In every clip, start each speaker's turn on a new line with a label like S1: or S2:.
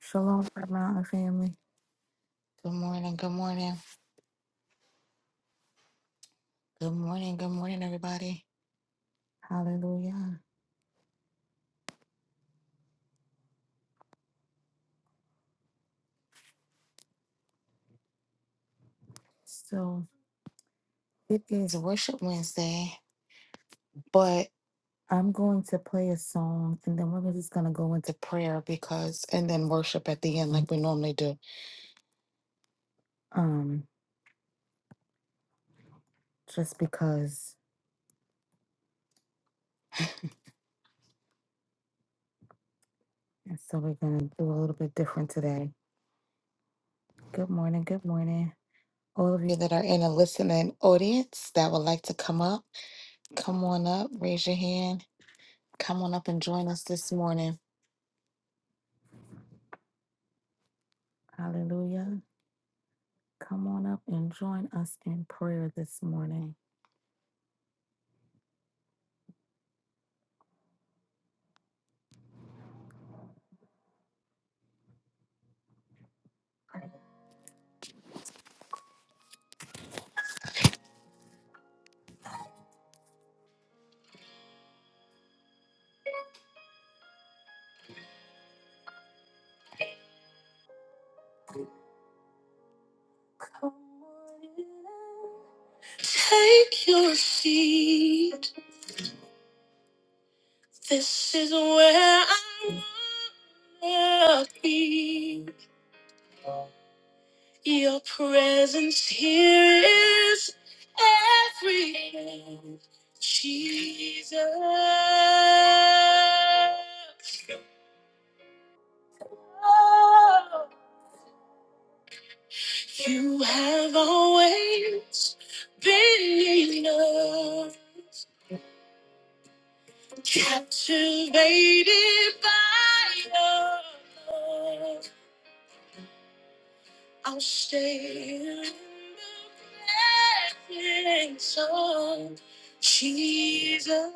S1: Shalom, Prayer Mountain family. Good morning, good morning. Good morning, good morning, everybody. Hallelujah. So It's Worship Wednesday, but I'm going to play a song, and then we're just gonna go into prayer because, and then worship at the end like we normally do. um, just because. And so we're gonna do a little bit different today. Good morning. Good morning, all of You that are in a listening audience that would like to come up, come on up, raise your hand. Come on up and join us this morning. Hallelujah. Come on up and join us in prayer this morning. Come on in, Take your lead. This is where I wanna be. Your presence here is everything. Jesus. Oh. You have always been enough, captivated by your love. I'll stay in the presence of Jesus.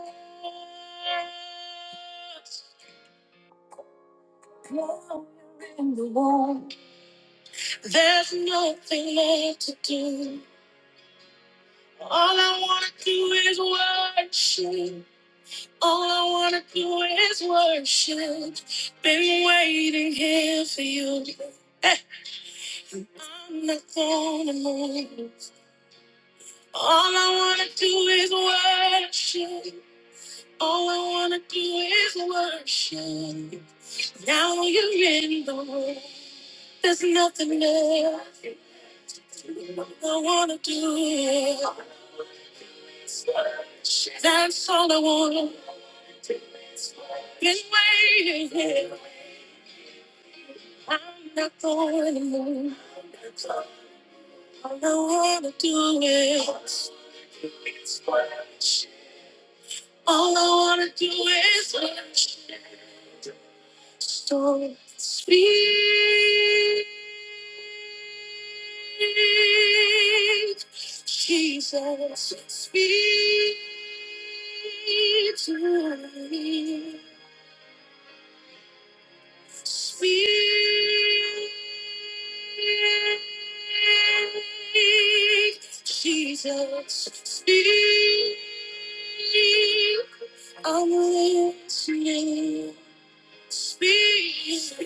S1: Now you're in the world. There's nothing left to do. All I wanna do is worship. All I wanna do is worship. Been waiting here for you. Eh, I'm not gonna move. All I wanna do is worship. All I wanna do is worship. Now you're in the room. There's nothing left. All I wanna do is worship. That's all I wanna. do. Been waiting. here. I'm not going to move. All I wanna do is All I wanna do is worship. So speak, Jesus, speak to me. Speak, Jesus, speak. I'm listening. Speak.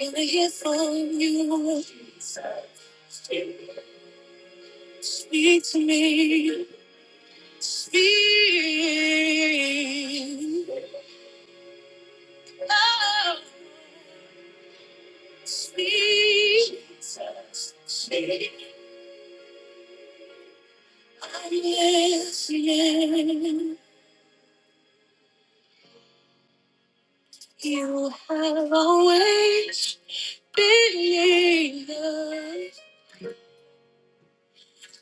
S1: Wanna hear from you? Speak to me. Speak. Oh, speak. Speak. Yes, yes, you have always been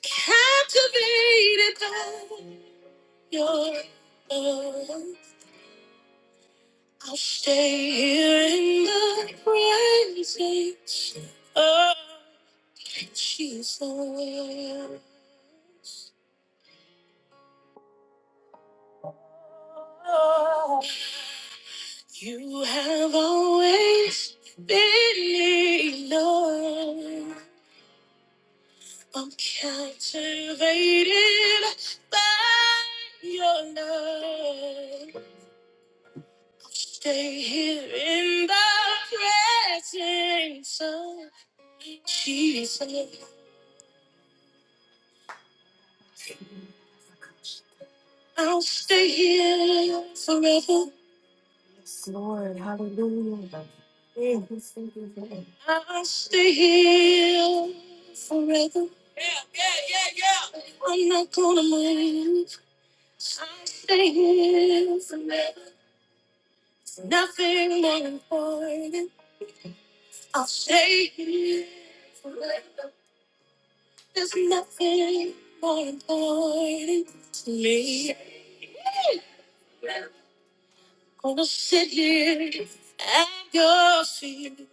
S1: captivated by your love. I'll stay here in the presence of Jesus. Oh, You have always been enough. I'm captivated by your love. I'll Stay here in the presence of Jesus. I'll stay here forever. Yes, Lord, hallelujah. Yeah, he's thinking for me. I'll stay here forever. Yeah, yeah, yeah, yeah. I'm not gonna move. I'll stay here forever. nothing more important. I'll stay here forever. There's nothing more important to me. Gonna sit here at your feet,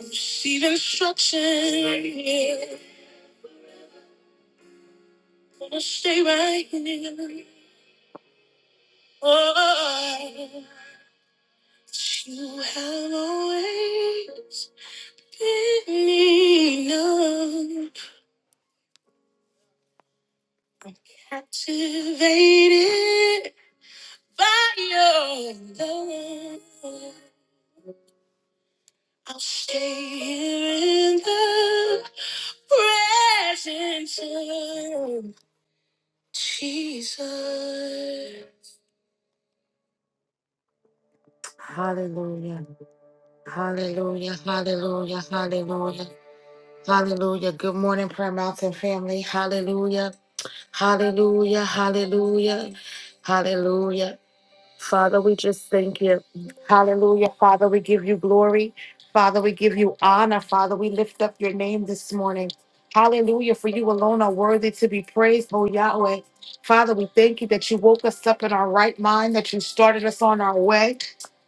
S1: receive instruction. Yeah. Gonna stay right here. Oh, you have always been enough. I'm captivated by your love. I'll stay here in the presence of Jesus. Hallelujah. Hallelujah. Hallelujah. Hallelujah. Hallelujah. Good morning, Prayer Mountain family. Hallelujah. Hallelujah. Hallelujah. Hallelujah. Father, we just thank you. Hallelujah. Father, we give you glory. Father, we give you honor. Father, we lift up your name this morning. Hallelujah. For you alone are worthy to be praised, O Yahweh. Father, we thank you that you woke us up in our right mind, that you started us on our way.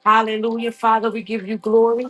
S1: Hallelujah. Father, we give you glory.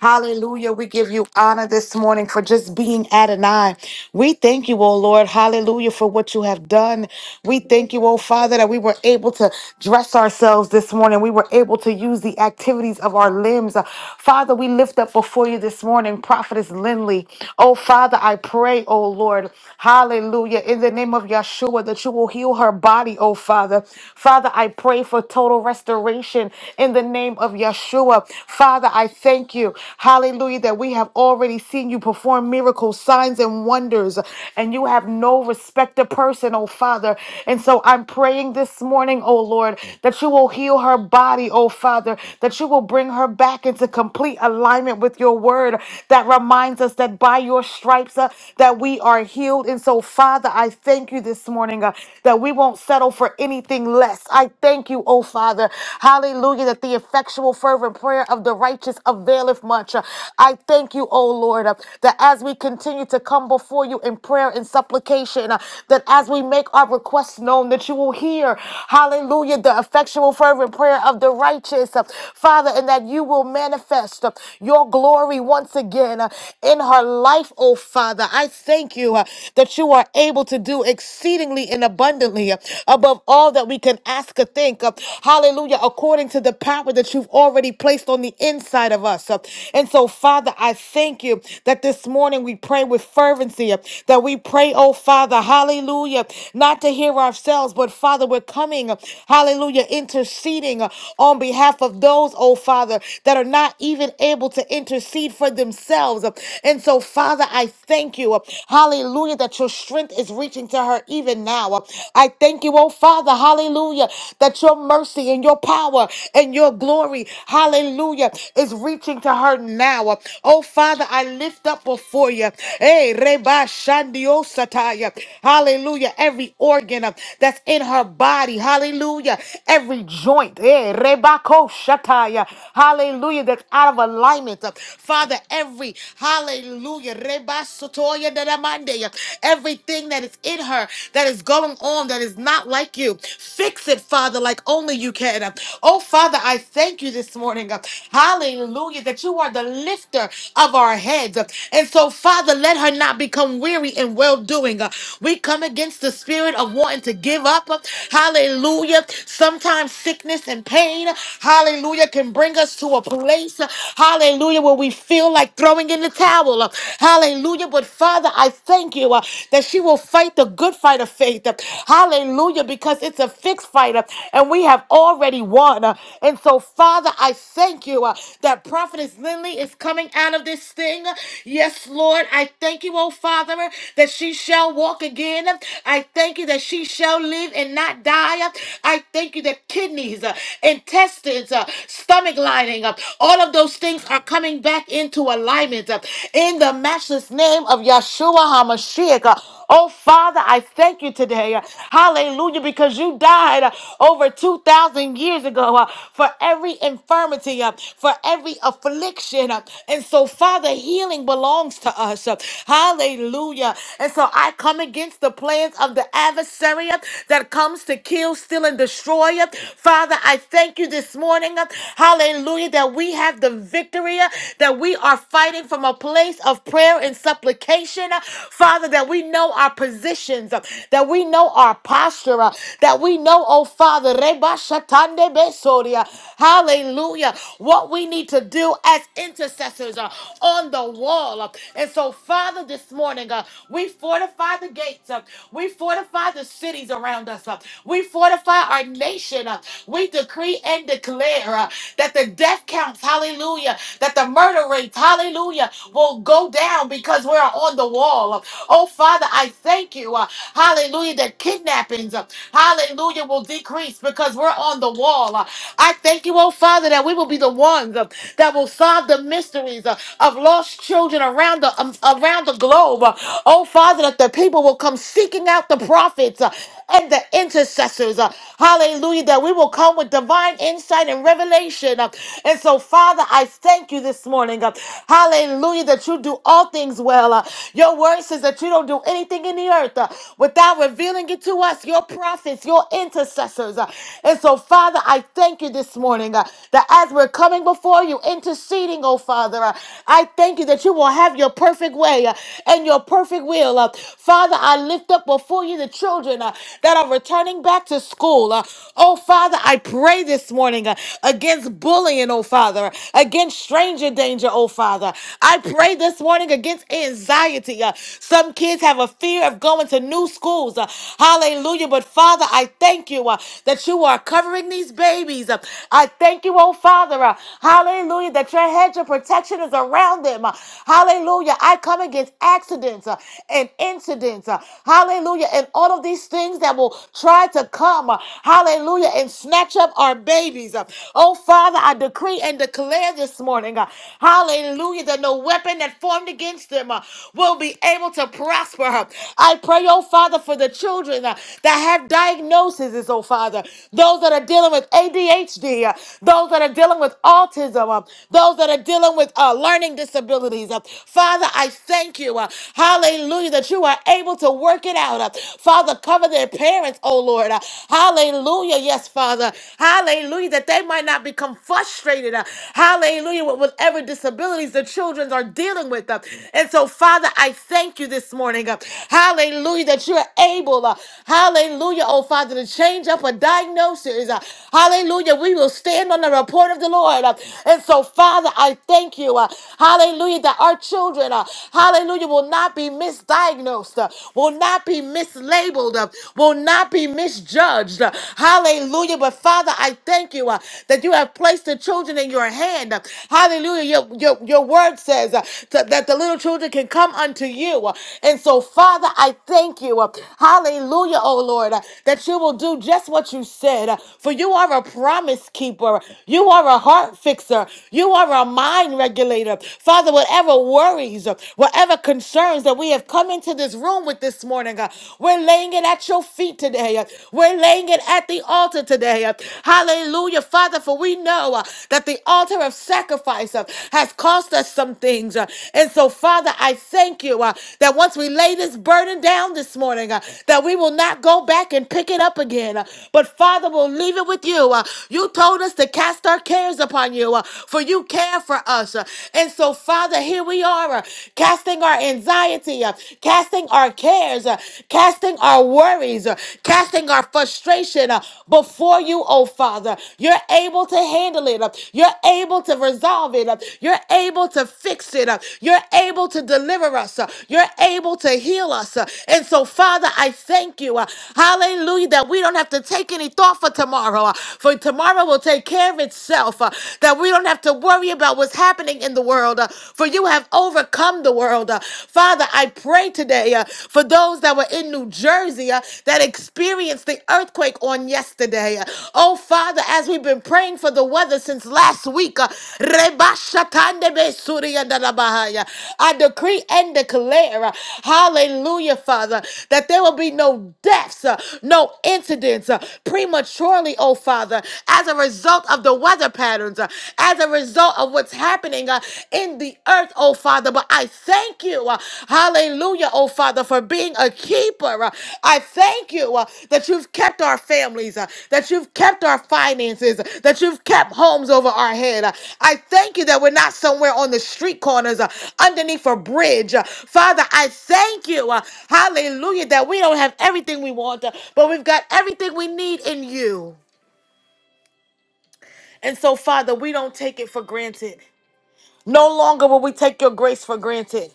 S1: Hallelujah. We give you honor this morning for just being Adonai. We thank you, O Lord. Hallelujah for what you have done. We thank you, O Father, that we were able to dress ourselves this morning. We were able to use the activities of our limbs. uh, Father, we lift up before you this morning, Prophetess Lindley. Oh, Father, I pray, oh Lord, hallelujah, in the name of Yeshua, that you will heal her body, oh Father. Father, I pray for total restoration in the name of Yeshua. Father, I thank you, hallelujah, that we have already seen you perform miracles, signs, and wonders, and you have no respect of person, oh Father. And so I'm praying this morning, oh Lord, that you will heal her body, oh Father, that you will bring bring her back into complete alignment with your word that reminds us that by your stripes uh, that we are healed. And so, Father, I thank you this morning uh, that we won't settle for anything less. I thank you, oh Father. Hallelujah, that the effectual fervent prayer of the righteous availeth much. Uh, I thank you, oh Lord, uh, that as we continue to come before you in prayer and supplication, uh, that as we make our requests known, that you will hear, hallelujah, the effectual fervent prayer of the righteous marriages, uh, Father, and that you will manifest uh, your glory once again uh, in her life, oh Father. I thank you uh, that you are able to do exceedingly and abundantly uh, above all that we can ask or think. uh, Hallelujah, according to the power that you've already placed on the inside of us. uh. And so, Father, I thank you that this morning we pray with fervency, uh, that we pray, oh Father, hallelujah, not to hear ourselves, but Father, we're coming, uh, hallelujah, interceding interceding uh, on behalf of those, oh Father, that are not even able to intercede for themselves. And so, Father, I thank you, uh, hallelujah, that your strength is reaching to her even now. Uh, I thank you, oh Father, hallelujah, that your mercy and your power and your glory, hallelujah, is reaching to her now. Uh, Oh Father, I lift up before you, hey, Reba Shandio Sataya, hallelujah, every organ uh, that's in her body, hallelujah, every joint, eh, rebako shataya, hallelujah, that's out of alignment. uh, Father, every, hallelujah, rebasotoya dadamande, everything that is in her that is going on that is not like you, fix it, Father, like only you can. uh. Oh, Father, I thank you this morning, uh, hallelujah, that you are the lifter of our heads. uh. And so, Father, let her not become weary in well doing. We come against the spirit of wanting to give up. uh, Hallelujah Hallelujah. Sometimes sickness and pain, hallelujah, can bring us to a place, hallelujah, where we feel like throwing in the towel. Hallelujah. But Father, I thank you uh, that she will fight the good fight of faith. Hallelujah, because it's a fixed fight uh, and we have already won. Uh, And so, Father, I thank you uh, that Prophetess Lindley is coming out of this thing. Yes, Lord, I thank you, oh Father, that she shall walk again. I thank you that she shall live live and not die. I thank you that kidneys, uh, intestines, uh, stomach lining, uh, all of those things are coming back into alignment uh, in the matchless name of Yeshua HaMashiach. uh, Oh, Father, I thank you today. uh, Hallelujah, because you died uh, over 2,000 years ago uh, for every infirmity, uh, for every affliction. uh, And so, Father, healing belongs to us. uh, Hallelujah. And so I come against the plans of the adversary uh, that comes to kill, steal, and destroy. uh. Father, I thank you this morning. uh, Hallelujah. That we have the victory, uh, that we are fighting from a place of prayer and supplication. uh. Father, that we know our positions, uh, that we know our posture, uh, that we know, oh Father, Reba Shatande Besoria. Hallelujah. What we need to do as intercessors uh, on the wall. uh. And so, Father, this morning, uh, we fortify the gates streets. Uh, We fortify the cities around us. Uh, We fortify our nation. Uh, We decree and declare uh, that the death counts, hallelujah, that the murder rates, hallelujah, will go down because we're on the wall. Uh, Oh, Father, I thank you, uh, hallelujah, that kidnappings, uh, hallelujah, will decrease because we're on the wall. Uh, I thank you, oh, Father, that we will be the ones uh, that will solve the mysteries uh, of lost children around the um, around the globe. Uh, Oh, Father. Father, that the people will come seeking out the prophets uh, and the intercessors. uh, Hallelujah. That we will come with divine insight and revelation. uh, And so, Father, I thank you this morning. uh, Hallelujah. That you do all things well. uh, Your word says that you don't do anything in the earth uh, without revealing it to us, your prophets, your intercessors. uh, And so, Father, I thank you this morning uh, that as we're coming before you, interceding, oh Father, uh, I thank you that you will have your perfect way uh, and and your perfect will. Uh, Father, I lift up before you the children uh, that are returning back to school. Uh, oh, Father, I pray this morning uh, against bullying, oh, Father, against stranger danger, oh, Father. I pray this morning against anxiety. Uh, some kids have a fear of going to new schools. Uh, hallelujah. But, Father, I thank you uh, that you are covering these babies. Uh, I thank you, oh, Father. uh, hallelujah. That your hedge of protection is around them. Uh, hallelujah. I come against accidents uh, and incidents. uh, Hallelujah. And all of these things that will try to come. uh, Hallelujah. And snatch up our babies. uh. Oh, Father, I decree and declare this morning. uh, Hallelujah. That no weapon that formed against them uh, will be able to prosper. uh. I pray, oh, Father, for the children uh, that have diagnoses, oh, Father. Those that are dealing with ADHD, uh, those that are dealing with autism, uh, those that are dealing with uh, learning disabilities responsibilities. Uh, Father, I thank you. uh, Hallelujah, that you are able to work it out. uh, Father, cover their parents, oh Lord. uh, Hallelujah, yes, Father. Hallelujah, that they might not become frustrated. uh, Hallelujah, with whatever disabilities the children are dealing with. uh, And so, Father, I thank you this morning. uh, Hallelujah, that you are able. uh, Hallelujah, oh Father, to change up a diagnosis. uh, Hallelujah, we will stand on the report of the Lord. uh, And so, Father, I thank you. uh, uh, hallelujah, that our children, uh, hallelujah, will not be misdiagnosed, uh, will not be mislabeled, uh, will not be misjudged. uh, hallelujah. But Father, I thank you uh, that you have placed the children in your hand. uh, hallelujah. Your, your, your word says uh, to- that the little children can come unto you. uh, and so, Father, I thank you. uh, hallelujah, oh Lord, uh, that you will do just what you said. uh, for you are a promise keeper, you are a heart fixer, you are Father, our mind regulator. Father, whatever worries, uh, whatever concerns that we have come into this room with this morning, God, we're laying it at your feet today. uh, We're laying it at the altar today. uh, Hallelujah, Father, for we know uh, that the altar of sacrifice uh, has cost us some things. uh, And so, Father, I thank you uh, that once we lay this burden down this morning, uh, that we will not go back and pick it up again. uh, But, Father, we'll leave it with you. uh, You told us to cast our cares upon you upon you, uh, for you care for us. uh, And so, Father, here we are, uh, casting our anxiety, uh, casting our cares, uh, casting our worries, uh, casting our frustration uh, before you, oh Father. You're able to handle it, uh, you're able to resolve it, uh, you're able to fix it, uh, you're able to deliver us, uh, you're able to heal us. uh, And so, Father, I thank you. uh, Hallelujah, that we don't have to take any thought for tomorrow, uh, for tomorrow will take care of itself of itself, uh, that we don't have to worry about what's happening in the world, uh, for you have overcome the world. uh. Father, I pray today uh, for those that were in New Jersey uh, that experienced the earthquake on yesterday. Uh, Oh, Father, as we've been praying for the weather since last week, uh, Reba Shatande Be Suri Yanda La Bahaya, I decree and declare, uh, hallelujah, Father, that there will be no deaths, uh, no incidents uh, prematurely, oh Father, as a result of the weather patterns, uh, as a result of what's happening uh, in the earth, oh Father. But I thank you, uh, hallelujah, oh Father, for being a keeper. Uh, I thank you uh, that you've kept our families, uh, that you've kept our finances, uh, that you've kept homes over our head. Uh, I thank you that we're not somewhere on the street corners, uh, underneath a bridge. Uh, Father, I thank you, uh, hallelujah, that we don't have everything we want, uh, but we've got everything we need in you. And so, Father, we don't take it for granted. No longer will we take your grace for granted.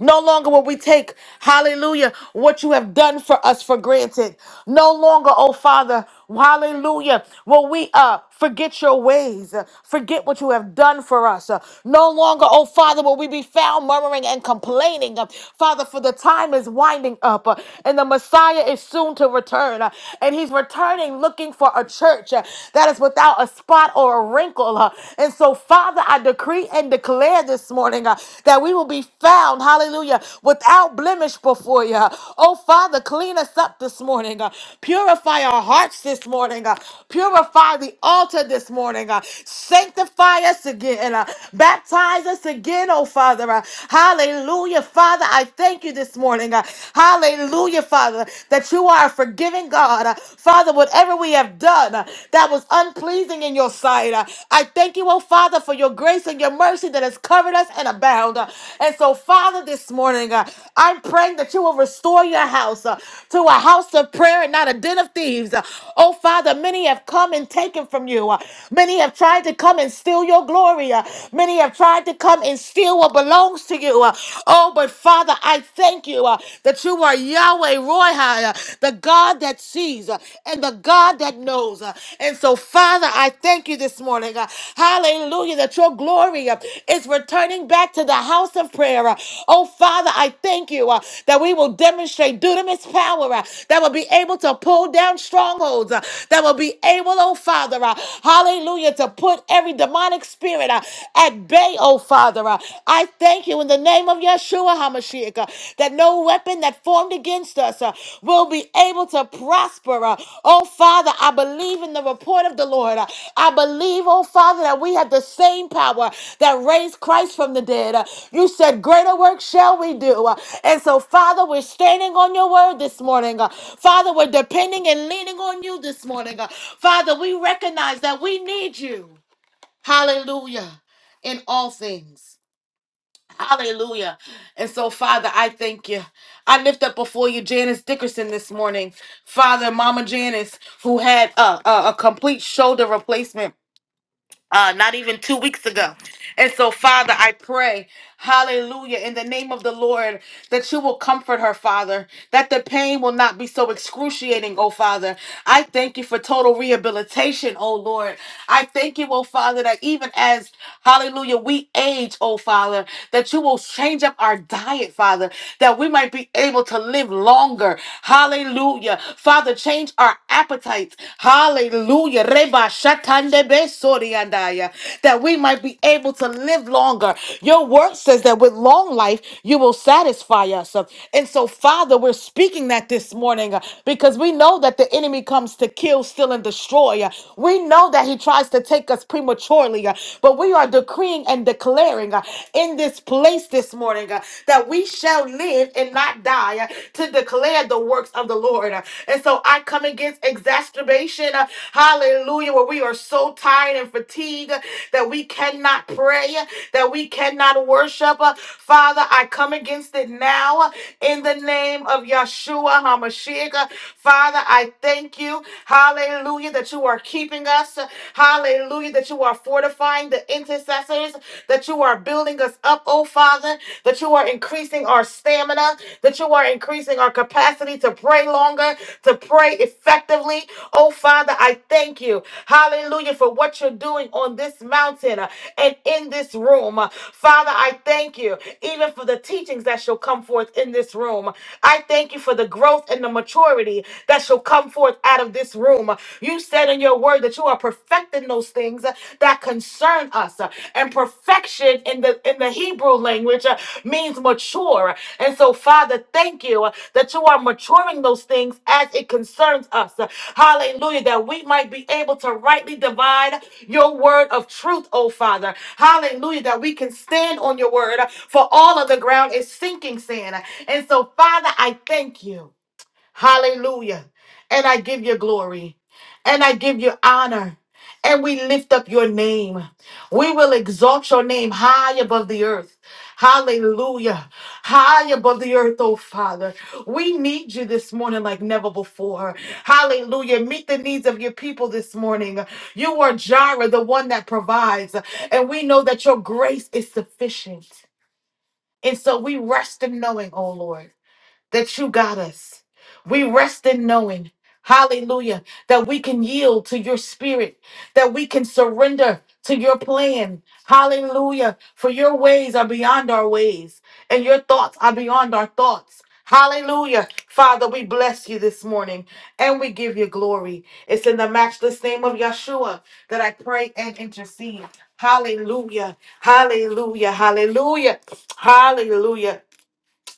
S1: No longer will we take, hallelujah, what you have done for us for granted. No longer, oh Father, hallelujah, will we uh, forget your ways, uh, forget what you have done for us. Uh, no longer, oh Father, will we be found murmuring and complaining. Uh, Father, for the time is winding up uh, and the Messiah is soon to return. uh, and he's returning looking for a church uh, that is without a spot or a wrinkle. uh, and so, Father, Father, I decree and declare this morning uh, that we will be found, hallelujah, without blemish before you. Oh, Father, clean us up this morning. uh, Purify our hearts this morning. uh, Purify the altar this morning. uh, Sanctify us again. uh, Baptize us again, oh, Father. uh, Hallelujah. Father, I thank you this morning. uh, Hallelujah, Father, that you are a forgiving God. Uh, Father, whatever we have done, done uh, that was unpleasing in your sight. Uh, I thank you, oh Father, for your grace and your mercy that has covered us and abound. Uh, And so, Father, this morning, uh, I'm praying that you will restore your house uh, to a house of prayer and not a den of thieves. Uh, Oh Father, many have come and taken from you. Uh, Many have tried to come and steal your glory. Uh, Many have tried to come and steal what belongs to you. Uh, Oh, but Father, I thank you uh, that you are Yahweh. Yahweh Roy, the God that sees uh, and the God that knows. uh. And so, Father, I thank you this morning. uh, Hallelujah, that your glory uh, is returning back to the house of prayer. uh. Oh, Father, I thank you uh, that we will demonstrate dunamis power uh, that will be able to pull down strongholds, uh, that will be able, oh, Father, uh, hallelujah, to put every demonic spirit uh, at bay, oh, Father. uh. I thank Thank you in the name of Yeshua HaMashiach uh, that no weapon that formed against us uh, will be able to prosper. uh. oh, Father, I believe in the report of the Lord. uh. I believe, oh, Father, that we have the same power that raised Christ from the dead. uh. you said, Greater work shall we do. uh. and so, Father, we're standing on your word this morning. uh. Father, we're depending and leaning on you this morning. uh. Father, we recognize that we need you. Hallelujah. In all things. Hallelujah. And so, Father, I thank you. I lift up before you Janice Dickerson this morning. Father, Mama Janice, who had a, a, a complete shoulder replacement uh, not even two weeks ago. And so, Father, I pray, hallelujah, in the name of the Lord, that you will comfort her, Father, that the pain will not be so excruciating, oh Father. I thank you for total rehabilitation, oh Lord. I thank you, oh Father, that even as, hallelujah, we age, oh Father, that you will change up our diet, Father, that we might be able able to live longer. Hallelujah. Father, change our appetites. Hallelujah. Reba shatande be soriandaya. That we might be able to live longer. Your word says that with long life, you will satisfy us. And so, Father, we're speaking that this morning uh, because we know that the enemy comes to kill, steal, and destroy. Uh, We know that he tries to to take us prematurely, uh, but we are decreeing and declaring uh, in this place this morning uh, that we shall live and not die uh, to declare the works of the Lord. Uh, And so I come against exacerbation, uh, hallelujah, where we are so tired and fatigued uh, that we cannot pray, uh, that we cannot worship. Uh, Father, I come against it now uh, in the name of Yeshua HaMashiach. Uh, Father, I thank you, hallelujah, that you are keeping us. uh, Hallelujah. That you are fortifying the intercessors, that you are building us up, oh Father, that you are increasing our stamina, that you are increasing our capacity to pray longer, to pray effectively. Oh Father, I thank you. Hallelujah for what you're doing on this mountain uh, and in this room. Uh, Father, I thank you even for the teachings that shall come forth in this room. I thank you for the growth and the maturity that shall come forth out of this room. You said in your word that you are perfecting those things uh, that concern us. uh, And perfection in the in the Hebrew language uh, means mature. And so, Father, thank you uh, that you are maturing those things as it concerns us. Uh, Hallelujah. That we might be able to rightly divide your word of truth, oh Father. Hallelujah. That we can stand on your word, uh, for all of the ground is sinking sand. And so, Father, I thank you. Hallelujah. And I give you glory and I give you honor. And we lift up your name. We will exalt your name high above the earth. Hallelujah. High above the earth, oh Father. We need you this morning like never before. Hallelujah. Meet the needs of your people this morning. You are Jireh, the one that provides. And we know that your grace is sufficient. And so we rest in knowing, oh Lord that you got us. We rest in knowing, hallelujah, that we can yield to your spirit, that we can surrender to your plan. Hallelujah. For your ways are beyond our ways, and your thoughts are beyond our thoughts. Hallelujah. Father, we bless you this morning and we give you glory. It's in the matchless name of Yeshua that I pray and intercede. Hallelujah. Hallelujah. Hallelujah. Hallelujah.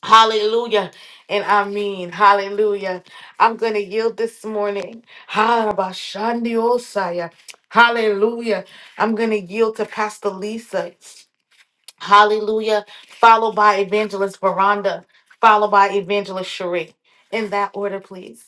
S1: Hallelujah. And I mean, hallelujah. I'm going to yield this morning. Harabashandiosaya. Hallelujah. I'm going to yield to Pastor Lisa. Hallelujah. Followed by Evangelist Veranda. Followed by Evangelist Cherie. In that order, please.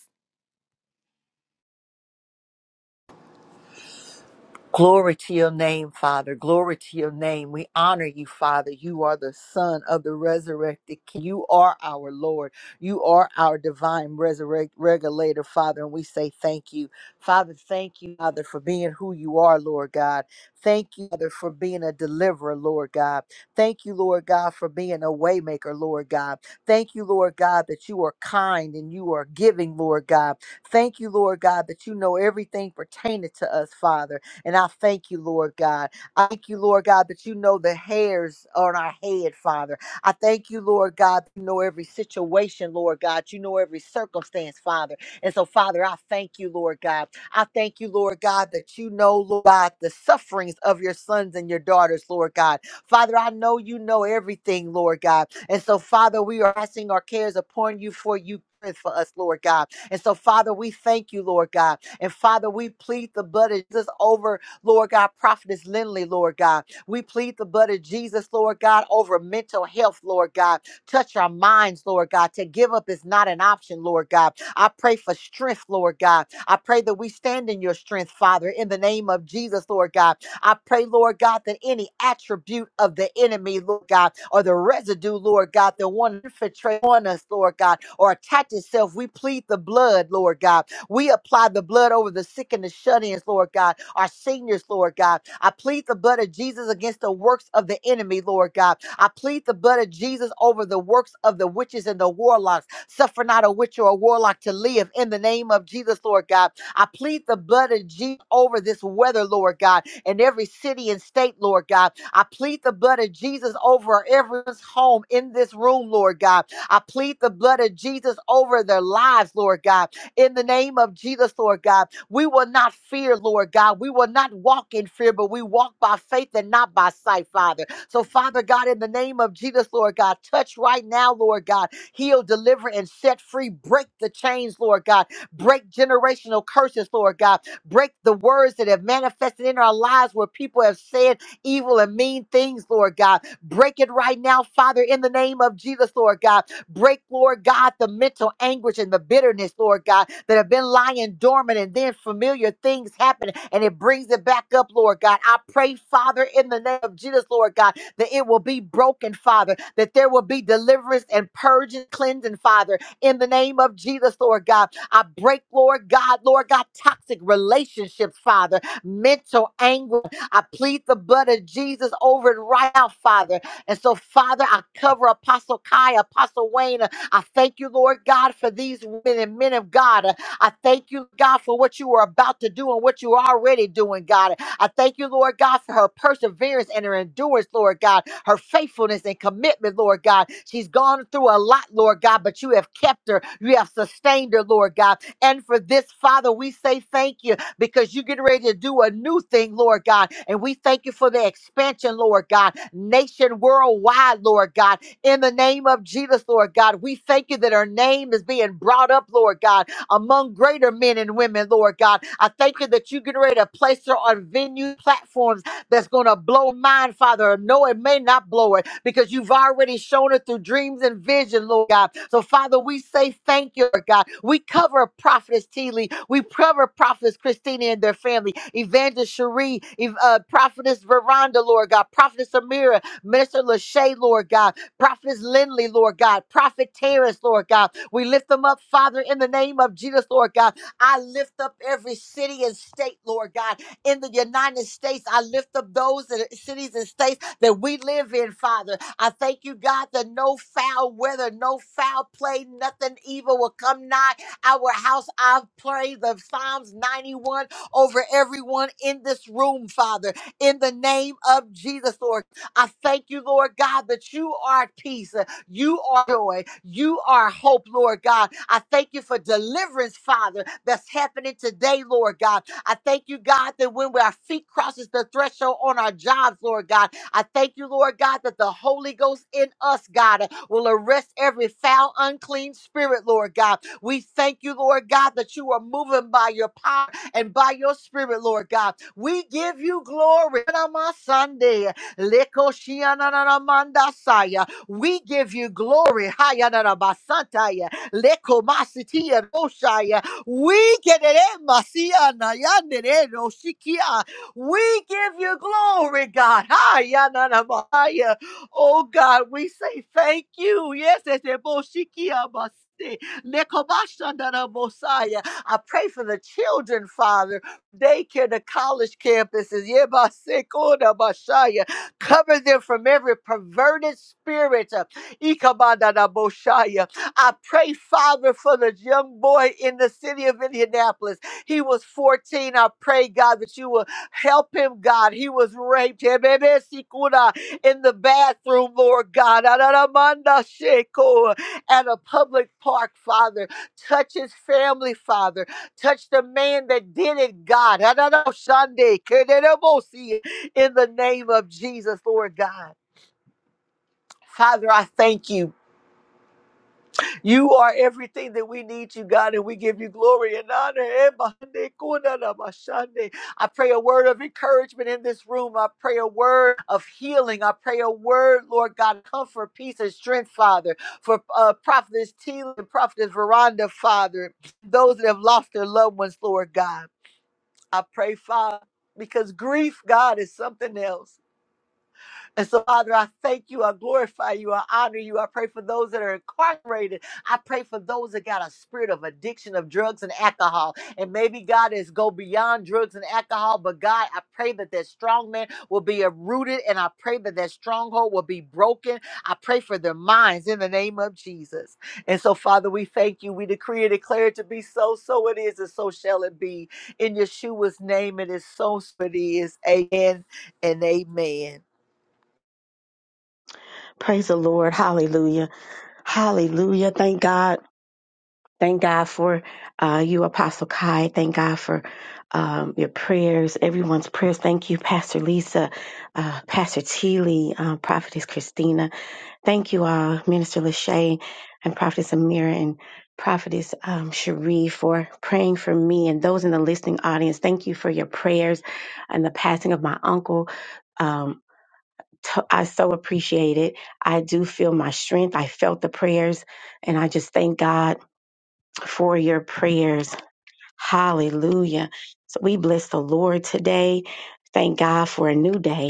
S2: Glory to your name, Father. Glory to your name. We honor you, Father. You are the Son of the resurrected King. You are our Lord. You are our divine resurrect regulator, Father. And we say thank you. Father, thank you, Father, for being who you are, Lord God. Thank you, Father, for being a deliverer, Lord God. Thank you, Lord God, for being a waymaker, Lord God. Thank you, Lord God, that you are kind and you are giving, Lord God. Thank you, Lord God, that you know everything pertaining to us, Father. And I thank you, Lord God. I thank you, Lord God, that you know the hairs on our head, Father. I thank you, Lord God, that you know every situation, Lord God. You know every circumstance, Father. And so, Father, I thank you, Lord God. I thank you, Lord God, that you know, Lord God, the sufferings of your sons and your daughters, Lord God. Father, I know you know everything, Lord God. And so, Father, we are casting our cares upon you for you. care For us, Lord God. And so, Father, we thank you, Lord God. And Father, we plead the blood of Jesus over, Lord God, Prophetess Lindley, Lord God. We plead the blood of Jesus, Lord God, over mental health, Lord God. Touch our minds, Lord God. To give up is not an option, Lord God. I pray for strength, Lord God. I pray that we stand in your strength, Father, in the name of Jesus, Lord God. I pray, Lord God, that any attribute of the enemy, Lord God, or the residue, Lord God, that want to infiltrate on us, Lord God, or attach itself, we plead the blood, Lord God. We apply the blood over the sick and the shut ins, Lord God, our seniors, Lord God. I plead the blood of Jesus against the works of the enemy, Lord God. I plead the blood of Jesus over the works of the witches and the warlocks. Suffer not a witch or a warlock to live in the name of Jesus, Lord God. I plead the blood of Jesus over this weather, Lord God, in every city and state, Lord God. I plead the blood of Jesus over everyone's home in this room, Lord God. I plead the blood of Jesus over their lives, Lord God in the name of Jesus, Lord God. We will not fear, Lord God. We will not walk in fear, but we walk by faith and not by sight, Father. So, Father God, in the name of Jesus, Lord God, touch right now, Lord God. Heal, deliver, and set free. Break the chains, Lord God. Break generational curses, Lord God. Break the words that have manifested in our lives where people have said evil and mean things, Lord God. Break it right now, Father, in the name of Jesus, Lord God. Break, Lord God, the mental anguish and the bitterness, Lord God that have been lying dormant and then familiar things happen and it brings it back up, Lord God. I pray, Father, in the name of Jesus, Lord God, that it will be broken, Father, that there will be deliverance and purging, cleansing, Father, in the name of Jesus, Lord God. I break, Lord God, Lord God, toxic relationships, Father, mental anger. I plead the blood of Jesus over it right now, Father. And so, Father, I cover Apostle Kai, Apostle Wayne. I thank you, Lord God, for these women and men of God. I thank you, God, for what you are about to do and what you are already doing, God. I thank you, Lord God, for her perseverance and her endurance, Lord God, her faithfulness and commitment, Lord God. She's gone through a lot, Lord God, but you have kept her. You have sustained her, Lord God. And for this, Father, we say thank you because you get ready to do a new thing, Lord God. And we thank you for the expansion, Lord God, nation worldwide, Lord God. In the name of Jesus, Lord God, we thank you that her name is being brought up, Lord God among greater men and women, Lord God. I thank you that you're getting ready to place her on venue platforms that's going to blow mine, Father. No, it may not blow it because you've already shown it through dreams and vision, Lord God. So, Father, we say thank you, Lord God. We cover Prophetess Teeley. We cover Prophetess Christina and their family, Evangelist Cherie, Ev- uh, Prophetess Veranda, Lord God, Prophetess Amira, Minister Lachey, Lord God, Prophetess Lindley, Lord God, Prophet Terrence, Lord God, we lift them up, Father, in the name of Jesus, Lord God. I lift up every city and state, Lord God. In the United States, I lift up those that, cities and states that we live in, Father. I thank you, God, that no foul weather, no foul play, nothing evil will come nigh our house. I pray the Psalms 91 over everyone in this room, Father, in the name of Jesus, Lord. I thank you, Lord God, that you are at peace. You are joy. You are hope, Lord God. I thank you for deliverance, Father, that's happening today, Lord God. I thank you, God, that when our feet crosses the threshold on our jobs, Lord God, I thank you, Lord God, that the Holy Ghost in us, God, will arrest every foul, unclean spirit, Lord God. We thank you, Lord God, that you are moving by your power and by your spirit, Lord God. We give you glory. Sunday. We give you glory. Hayadarabasantaya, lekomasitiya roshaya. We kereremasiya nayandereroshikia. We give you glory, God. Hayadarabaya. Oh God, we say thank you. Yes, it's a boshikia basi, lekomashandarabosaya. I pray for the children, Father, daycare, the college campuses. Yebasikoda bashaya. Cover them from every perverted spirit. Ikabadadaboshaya. I pray, Father, for the young boy in the city of Indianapolis. He was 14. I pray, God, that you will help him, God. He was raped Ebebesikuna, in the bathroom, Lord God. Adaramandasheko, At a public park, Father. Touch his family, Father. Touch the man that did it, God. Sunday. In the name of Jesus, Lord God. Father, I thank you. You are everything that we need, you God, and we give you glory and honor. I pray a word of encouragement in this room. I pray a word of healing. I pray a word, Lord God, comfort, peace, and strength, Father, for uh, Prophetess Teal and Prophetess Veranda, Father, those that have lost their loved ones, Lord God. I pray, Father, because grief, God, is something else. And so, Father, I thank you. I glorify you. I honor you. I pray for those that are incarcerated. I pray for those that got a spirit of addiction of drugs and alcohol. And maybe God is go beyond drugs and alcohol, but God, I pray that that strong man will be uprooted and I pray that that stronghold will be broken. I pray for their minds in the name of Jesus. And so, Father, we thank you. We decree and declare it to be so. So it is, and so shall it be. In Yeshua's name, it is so. So it is. Amen and amen.
S3: Praise the Lord. Hallelujah. Hallelujah. Thank God. Thank God for uh, you, Apostle Kai. Thank God for um, your prayers, everyone's prayers. Thank you, Pastor Lisa, uh, Pastor Teeley, uh, Prophetess Christina. Thank you all, Minister Lachey and Prophetess Amira and Prophetess um, Cherie for praying for me and those in the listening audience. Thank you for your prayers and the passing of my uncle. Um, to- I so appreciate it. I do feel my strength. I felt the prayers, and I just thank God for your prayers. Hallelujah. So we bless the Lord today. Thank God for a new day.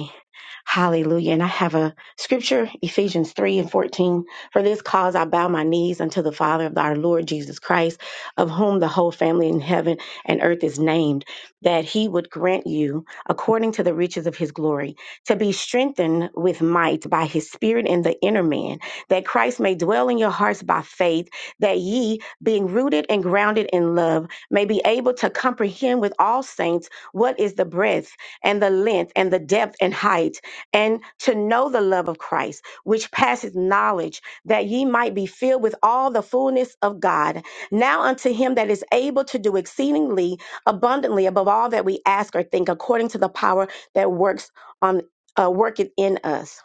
S3: Hallelujah. And I have a scripture, Ephesians 3 and 14. For this cause I bow my knees unto the Father of our Lord Jesus Christ, of whom the whole family in heaven and earth is named, that he would grant you, according to the riches of his glory, to be strengthened with might by his spirit in the inner man, that Christ may dwell in your hearts by faith, that ye, being rooted and grounded in love, may be able to comprehend with all saints what is the breadth and the length and the depth and height, and to know the love of Christ, which passeth knowledge, that ye might be filled with all the fullness of God. Now unto him that is able to do exceedingly abundantly above all that we ask or think, according to the power that works on uh, worketh in us.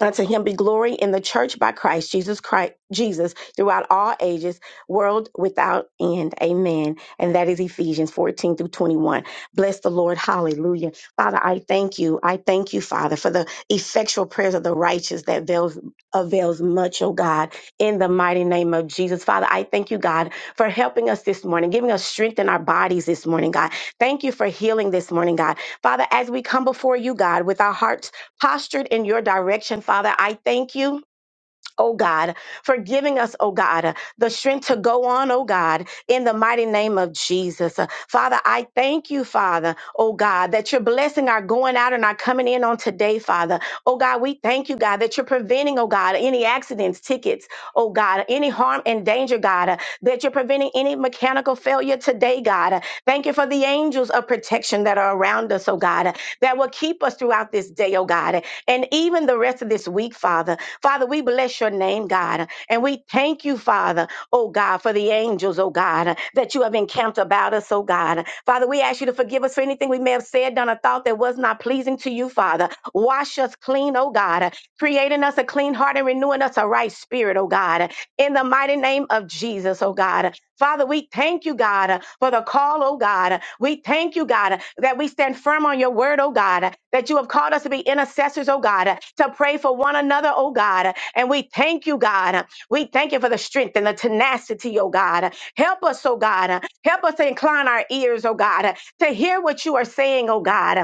S3: Unto him be glory in the church by Christ Jesus Christ Jesus throughout all ages, world without end. Amen. And that is Ephesians 14 through 21. Bless the Lord. Hallelujah. Father, I thank you. I thank you, Father, for the effectual prayers of the righteous that avails, avails much, oh God, in the mighty name of Jesus. Father, I thank you, God, for helping us this morning, giving us strength in our bodies this morning, God. Thank you for healing this morning, God. Father, as we come before you, God, with our hearts postured in your direction, Father. I thank you oh God, for giving us, oh God, the strength to go on, oh God, in the mighty name of Jesus. Uh, Father, I thank you, Father, oh God, that you're blessing our going out and our coming in on today, Father. Oh God, we thank you, God, that you're preventing, oh God, any accidents, tickets, oh God, any harm and danger, God, uh, that you're preventing any mechanical failure today, God. Uh, Thank you for the angels of protection that are around us, oh God, uh, that will keep us throughout this day, oh God, and even the rest of this week, Father. Father, we bless your name, God, and we thank you, Father, oh God, for the angels, oh God, that you have encamped about us, oh God. Father, we ask you to forgive us for anything we may have said, done, or thought that was not pleasing to you, Father. Wash us clean, oh God, creating us a clean heart and renewing us a right spirit, oh God. In the mighty name of Jesus, oh God. Father, we thank you, God, uh, for the call, oh God. We thank you, God, that we stand firm on your word, oh God, that you have called us to be intercessors, oh God, to pray for one another, oh God. And we thank you, God. We thank you for the strength and the tenacity, oh God. Help us, oh God. Help us to incline our ears, oh God, to hear what you are saying, oh God.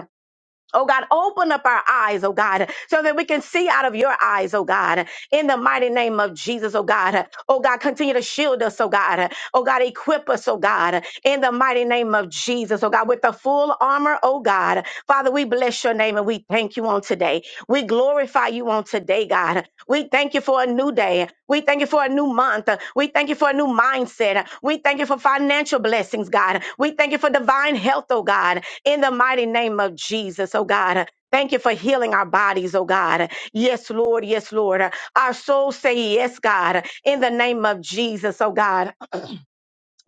S3: Oh God, open up our eyes, oh God, so that we can see out of your eyes, oh God, in the mighty name of Jesus, oh God. Oh God, continue to shield us, oh God. Oh God, equip us, oh God, in the mighty name of Jesus, oh God, with the full armor, oh God. Father, we bless your name and we thank you on today. We glorify you on today, God. We thank you for a new day. We thank you for a new month. We thank you for a new mindset. We thank you for financial blessings, God. We thank you for divine health, oh God in the mighty name of Jesus, oh God. Thank you for healing our bodies, oh God. Yes, Lord. Yes, Lord. Our souls say yes, God, in the name of Jesus, oh God.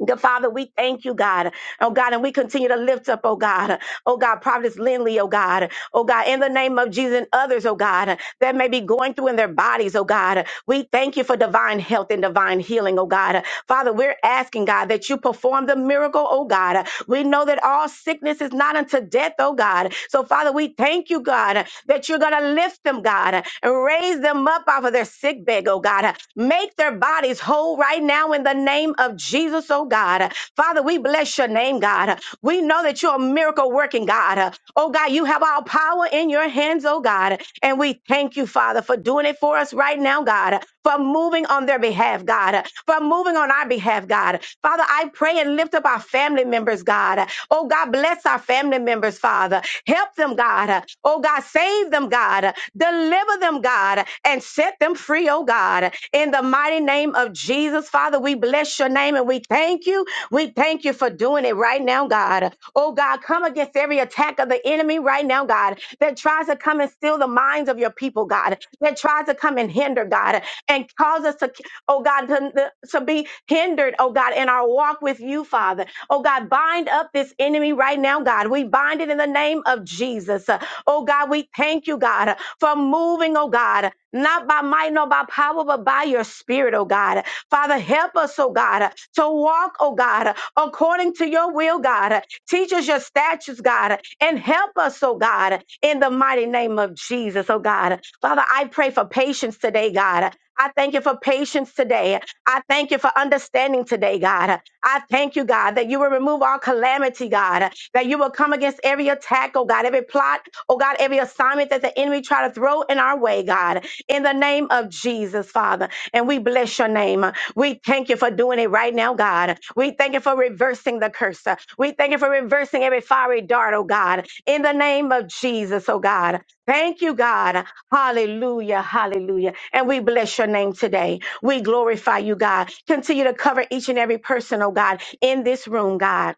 S3: Good Father, we thank you, God. Oh God, and we continue to lift up, oh God, oh God, Providence Lindley, oh God, oh God, in the name of Jesus and others, oh God, that may be going through in their bodies, oh God. We thank you for divine health and divine healing, oh God. Father, we're asking, God, that you perform the miracle, oh God. We know that all sickness is not unto death, oh God. So, Father, we thank you, God, that you're going to lift them, God, and raise them up off of their sick bed, oh God. Make their bodies whole right now in the name of Jesus, oh God. Father, we we bless your name, God. We know that you're a miracle working God. Oh, God, you have all power in your hands, oh, God. And we thank you, Father, for doing it for us right now, God, for moving on their behalf, God, for moving on our behalf, God. Father, I pray and lift up our family members, God. Oh, God, bless our family members, Father. Help them, God. Oh, God, save them, God. Deliver them, God, and set them free, oh, God. In the mighty name of Jesus, Father, we bless your name and we thank you we thank you for doing it right now, God. Oh, God, come against every attack of the enemy right now, God, that tries to come and steal the minds of your people, God, that tries to come and hinder, God, and cause us to, oh, God, to, to be hindered, oh, God, in our walk with you, Father. Oh, God, bind up this enemy right now, God. We bind it in the name of Jesus. Oh, God, we thank you, God, for moving, oh, God, not by might nor by power, but by your spirit, oh, God. Father, help us, oh God, to walk, oh God, according to your will, God. Teach us your statutes, God, and help us, oh God, in the mighty name of Jesus, oh God. Father, I pray for patience today, God. I thank you for patience today. I thank you for understanding today, God. I thank you, God, that you will remove all calamity, God, that you will come against every attack, oh God, every plot, oh God, every assignment that the enemy try to throw in our way, God, in the name of Jesus, Father. And we bless your name. We thank you for doing it right now, God. We thank you for reversing the curse. We thank you for reversing every fiery dart, oh God, in the name of Jesus, oh God. Thank you, God. Hallelujah, hallelujah. And we bless your name today. We glorify you, God. Continue to cover each and every person, oh God, in this room, God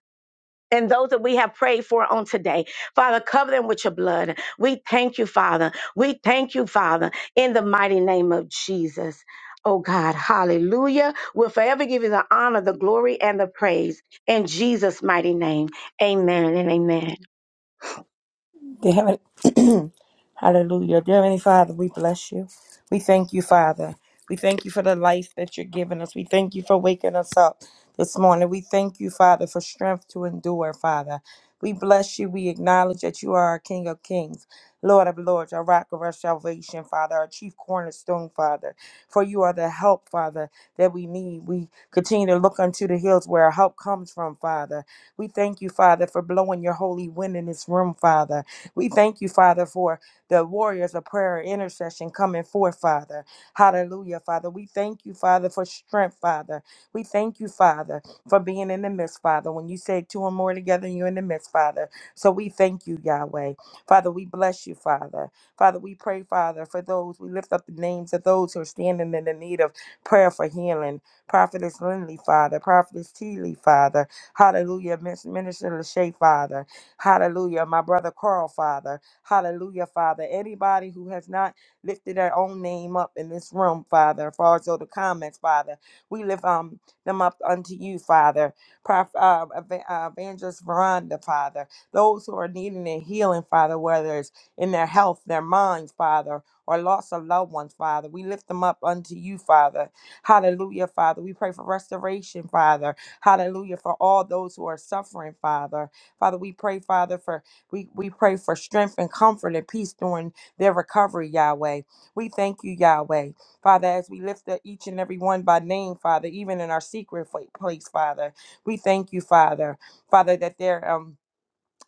S3: and those that we have prayed for on today. Father, cover them with your blood. We thank you, Father. We thank you, Father, in the mighty name of Jesus. Oh God, hallelujah. We'll forever give you the honor, the glory, and the praise in Jesus' mighty name. Amen and amen.
S4: Dear Heaven- Hallelujah. Dear Heavenly Father, we bless you. We thank you, Father. We thank you for the life that you're giving us. We thank you for waking us up this morning. We thank you, Father, for strength to endure, Father. We bless you. We acknowledge that you are our King of Kings, Lord of Lords, our rock of our salvation, Father, our chief cornerstone, Father. For you are the help, Father, that we need. We continue to look unto the hills where our help comes from, Father. We thank you, Father, for blowing your holy wind in this room, Father. We thank you, Father, for the warriors of prayer and intercession coming forth, Father. Hallelujah, Father. We thank you, Father, for strength, Father. We thank you, Father, for being in the midst, Father. When you say two or more together, you're in the midst, Father. So we thank you, Yahweh. Father, we bless you, Father. Father, we pray, Father, for those. We lift up the names of those who are standing in the need of prayer for healing. Prophetess Lindley, Father. Prophetess Teeley, Father. Hallelujah. Miss- Minister Lachey, Father. Hallelujah. My brother Carl, Father. Hallelujah, Father. Anybody who has not lifted their own name up in this room, Father, as far as all the comments, Father, we lift um, them up unto you, Father. Prof, uh, Eva- uh, Evangelist Veranda, Father. Those who are needing a healing, Father, whether it's in their health, their minds, Father, or loss of loved ones, Father. We lift them up unto you, Father. Hallelujah, Father. We pray for restoration, Father. Hallelujah. For all those who are suffering, Father. Father, we pray, Father, for we, we pray for strength and comfort and peace during their recovery, Yahweh. We thank you, Yahweh. Father, as we lift up each and every one by name, Father, even in our secret fa- place, Father. We thank you, Father. Father, that they're um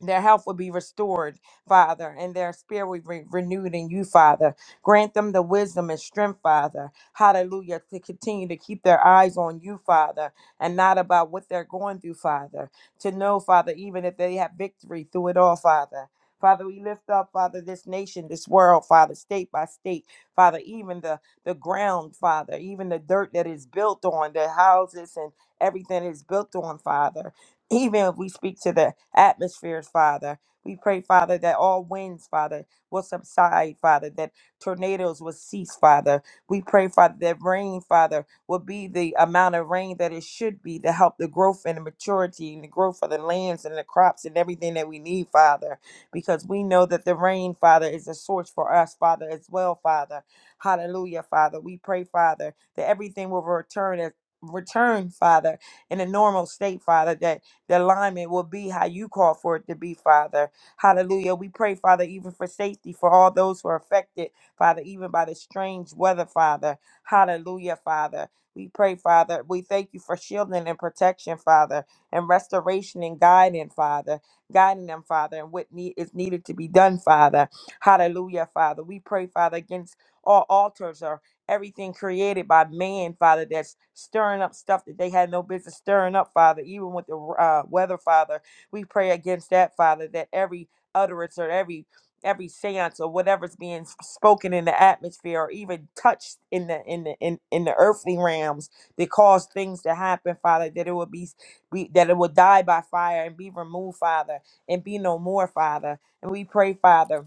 S4: their health will be restored, Father, and their spirit will be renewed in you, Father. Grant them the wisdom and strength, Father. Hallelujah. To continue to keep their eyes on you, Father, and not about what they're going through, Father. To know, Father, even if they have victory through it all, Father. Father, we lift up, Father, this nation, this world, Father, state by state, Father, even the, the ground, Father, even the dirt that is built on, the houses and everything that is built on, Father even if we speak to the atmospheres, Father. We pray, Father, that all winds, Father, will subside, Father, that tornadoes will cease, Father. We pray, Father, that rain, Father, will be the amount of rain that it should be to help the growth and the maturity and the growth of the lands and the crops and everything that we need, Father, because we know that the rain, Father, is a source for us, Father, as well, Father. Hallelujah, Father. We pray, Father, that everything will return, return, Father, in a normal state, Father, that the alignment will be how you call for it to be, Father. Hallelujah. We pray, Father, even for safety for all those who are affected, Father, even by the strange weather, Father. Hallelujah, Father. We pray, Father. We thank you for shielding and protection, Father, and restoration and guiding, Father. Guiding them, Father, and what need is needed to be done, Father. Hallelujah, Father. We pray, Father, against all altars or everything created by man, Father, that's stirring up stuff that they had no business stirring up, Father, even with the uh, weather, Father. We pray against that, Father, that every utterance or every every seance or whatever's being s- spoken in the atmosphere or even touched in the in the in, in the earthly realms that cause things to happen father that it will be, s- be that it will die by fire and be removed father and be no more father and we pray father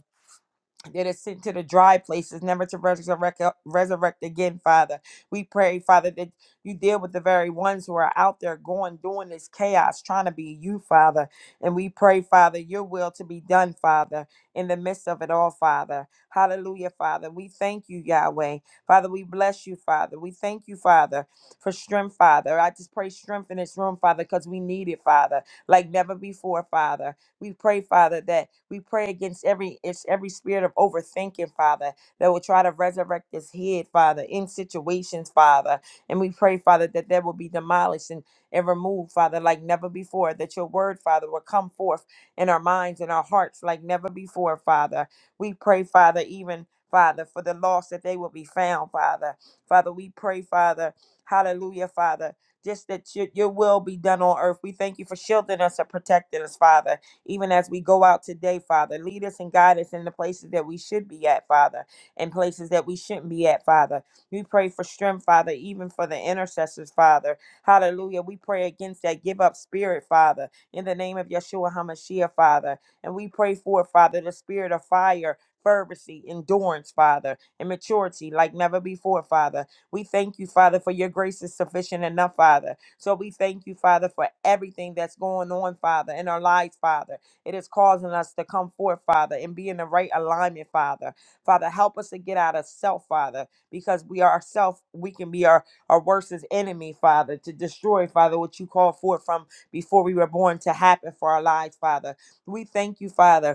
S4: that is sent to the dry places, never to resurrect, resurrect again, Father. We pray, Father, that you deal with the very ones who are out there going, doing this chaos, trying to be you, Father. And we pray, Father, your will to be done, Father, in the midst of it all, Father. Hallelujah, Father. We thank you, Yahweh. Father, we bless you, Father. We thank you, Father, for strength, Father. I just pray strength in this room, Father, because we need it, Father, like never before, Father. We pray, Father, that we pray against every it's every spirit of overthinking, Father, that will try to resurrect this head, Father, in situations, Father. And we pray, Father, that that will be demolished and, and removed, Father, like never before, that your word, Father, will come forth in our minds and our hearts like never before, Father. We pray, Father, even Father, for the lost that they will be found, Father. Father, we pray, Father, hallelujah, Father, just that your, your will be done on earth. We thank you for shielding us and protecting us, Father even as we go out today, Father. Lead us and guide us in the places that we should be at, Father, and places that we shouldn't be at, Father. We pray for strength, Father, even for the intercessors, Father. Hallelujah. We pray against that give up spirit, Father, in the name of Yeshua HaMashiach, Father. And we pray for, Father, the spirit of fire. Fervency, endurance, Father, and maturity like never before, Father. We thank you, Father, for your grace is sufficient enough, Father. So we thank you, Father, for everything that's going on, Father, in our lives, Father. It is causing us to come forth, Father, and be in the right alignment, Father. Father, help us to get out of self, Father, because we are self, we can be our, our worstest enemy, Father, to destroy, Father, what you called forth from before we were born to happen for our lives, Father. We thank you, Father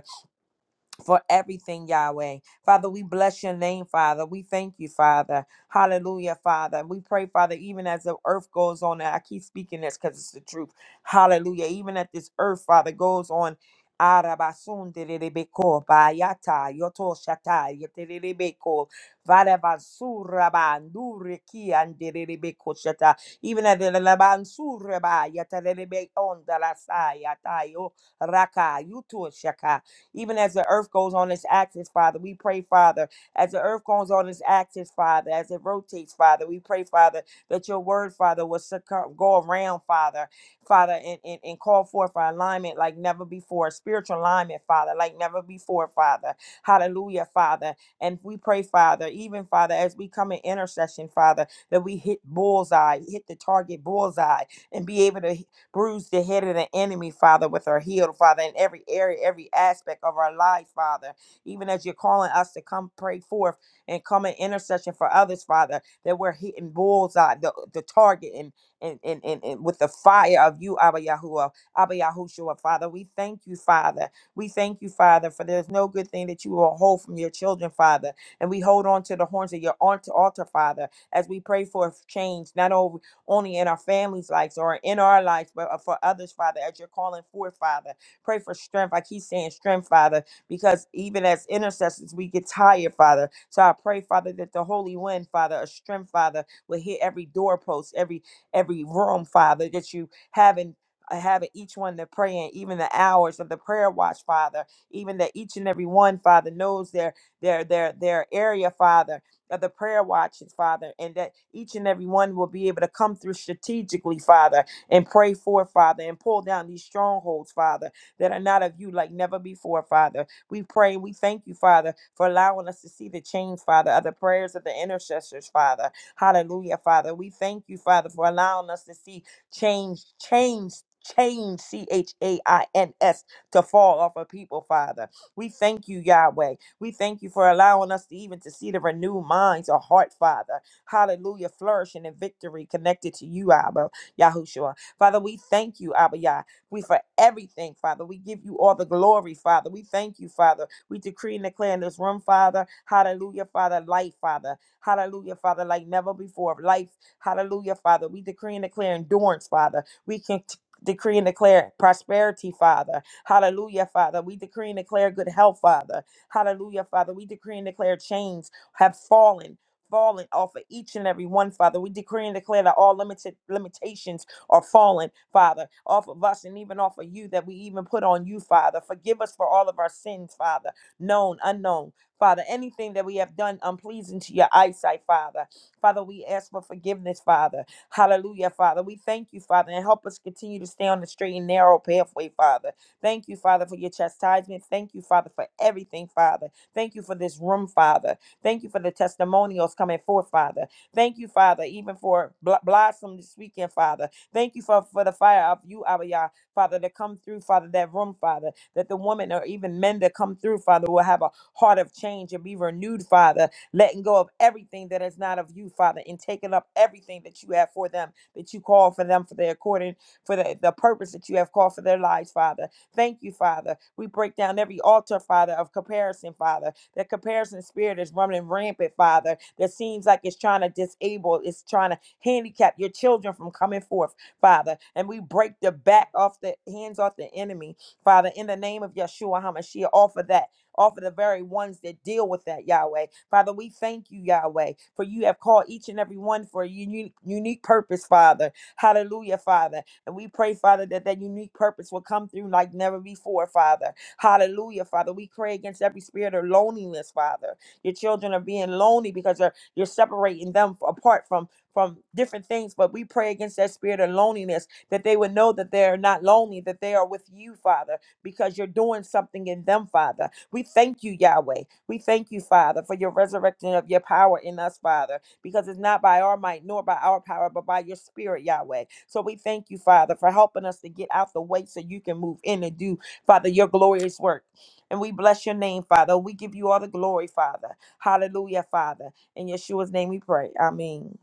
S4: for everything, Yahweh. Father, we bless your name, Father. We thank you, Father. Hallelujah, Father. We pray, Father, even as the earth goes on, and I keep speaking this because it's the truth. Hallelujah. Even as this earth, Father, goes on. Arabasunderebeko, bayata, yoto shata, yeterebeko, varabansuraba, ndureki, anderebeko shata. Even as the labansuraba, yeterebe ondalasaya, tayo, raka, yuto shaka. Even as the earth goes on its axis, Father, we pray, Father, as the earth goes on its axis, Father, as it rotates, Father, we pray, Father, that your word, Father, will succumb, go around, Father, Father, and, and, and call forth for alignment like never before, spiritual alignment, Father, like never before, Father. Hallelujah, Father. And we pray, Father, even, Father, as we come in intercession, Father, that we hit bullseye, hit the target bullseye, and be able to hit bruise the head of the enemy, Father, with her healed, Father, in every area, every aspect of our life, Father. Even as you're calling us to come pray forth and come in intercession for others, Father, that we're hitting bullseye, the, the target, and, and, and, and, and with the fire of you, Abba Yahuwah, Abba Yahushua, Father. We thank you, Father. We thank you, Father, for there's no good thing that you will hold from your children, Father. And we hold on to the horns of your alt- altar, Father, as we pray for change, not only only in our families' lives or in our lives, but uh, for others, Father, as you're calling for, Father. Pray for strength. I keep saying strength, Father, because even as intercessors, we get tired, Father. So I pray, Father, that the holy wind, Father, a strength, Father, will hit every doorpost, every every room, Father, that you have in uh, having each one to pray in, even the hours of the prayer watch, Father, even that each and every one, Father, knows their their their their area, Father, of the prayer watches, Father, and that each and every one will be able to come through strategically, Father, and pray for, Father, and pull down these strongholds, Father, that are not of you like never before, Father. We pray and we thank you, Father, for allowing us to see the change, Father, of the prayers of the intercessors, Father. Hallelujah, Father. We thank you, Father, for allowing us to see change, change, change, C H A I N S, to fall off of people, Father. We thank you, Yahweh. We thank you for allowing us to even to see the renewed minds or heart, Father. Hallelujah. Flourishing and victory connected to you, Abba, Yahushua. Father, we thank you, Abba Yah. We for everything, Father. We give you all the glory, Father. We thank you, Father. We decree and declare in this room, Father. Hallelujah, Father. Life, Father. Hallelujah, Father, like never before. Life, hallelujah, Father. We decree and declare endurance, Father. We can decree and declare prosperity, Father. Hallelujah, Father. We decree and declare good health, Father. Hallelujah, Father. We decree and declare chains have fallen. Fallen off of each and every one, Father. We decree and declare that all limited limitations are fallen, Father, off of us and even off of you that we even put on you, Father. Forgive us for all of our sins, Father, known, unknown, Father. Anything that we have done unpleasing to your eyesight, Father. Father, we ask for forgiveness, Father. Hallelujah, Father. We thank you, Father, and help us continue to stay on the straight and narrow pathway, Father. Thank you, Father, for your chastisement. Thank you, Father, for everything, Father. Thank you for this room, Father. Thank you for the testimonials coming forth, Father. Thank you, Father, even for Bl- Blossom this weekend, Father. Thank you for, for the fire of you, Abba Yah, Father, that come through, Father, that room, Father, that the woman or even men that come through, Father, will have a heart of change and be renewed, Father, letting go of everything that is not of you, Father, and taking up everything that you have for them, that you call for them for their according for the, the purpose that you have called for their lives, Father. Thank you, Father. We break down every altar, Father, of comparison, Father. That comparison spirit is running rampant, Father. That seems like it's trying to disable, it's trying to handicap your children from coming forth, Father. And we break the back off the hands off the enemy, Father, in the name of Yeshua HaMashiach, off of that. Off of the very ones that deal with that, Yahweh. Father, we thank you, Yahweh, for you have called each and every one for a unique, unique purpose, Father. Hallelujah, Father and we pray, Father, that that unique purpose will come through like never before, Father. Hallelujah, Father. We pray against every spirit of loneliness, Father. Your children are being lonely because they're, you're separating them apart from from different things, but we pray against that spirit of loneliness that they would know that they are not lonely, that they are with you, Father, because you're doing something in them, Father. We thank you, Yahweh. We thank you, Father, for your resurrecting of your power in us, Father because it's not by our might nor by our power, but by your spirit, Yahweh. So we thank you, Father, for helping us to get out the way so you can move in and do, Father, your glorious work. And we bless your name, Father. We give you all the glory, Father. Hallelujah, Father. In Yeshua's name we pray. Amen.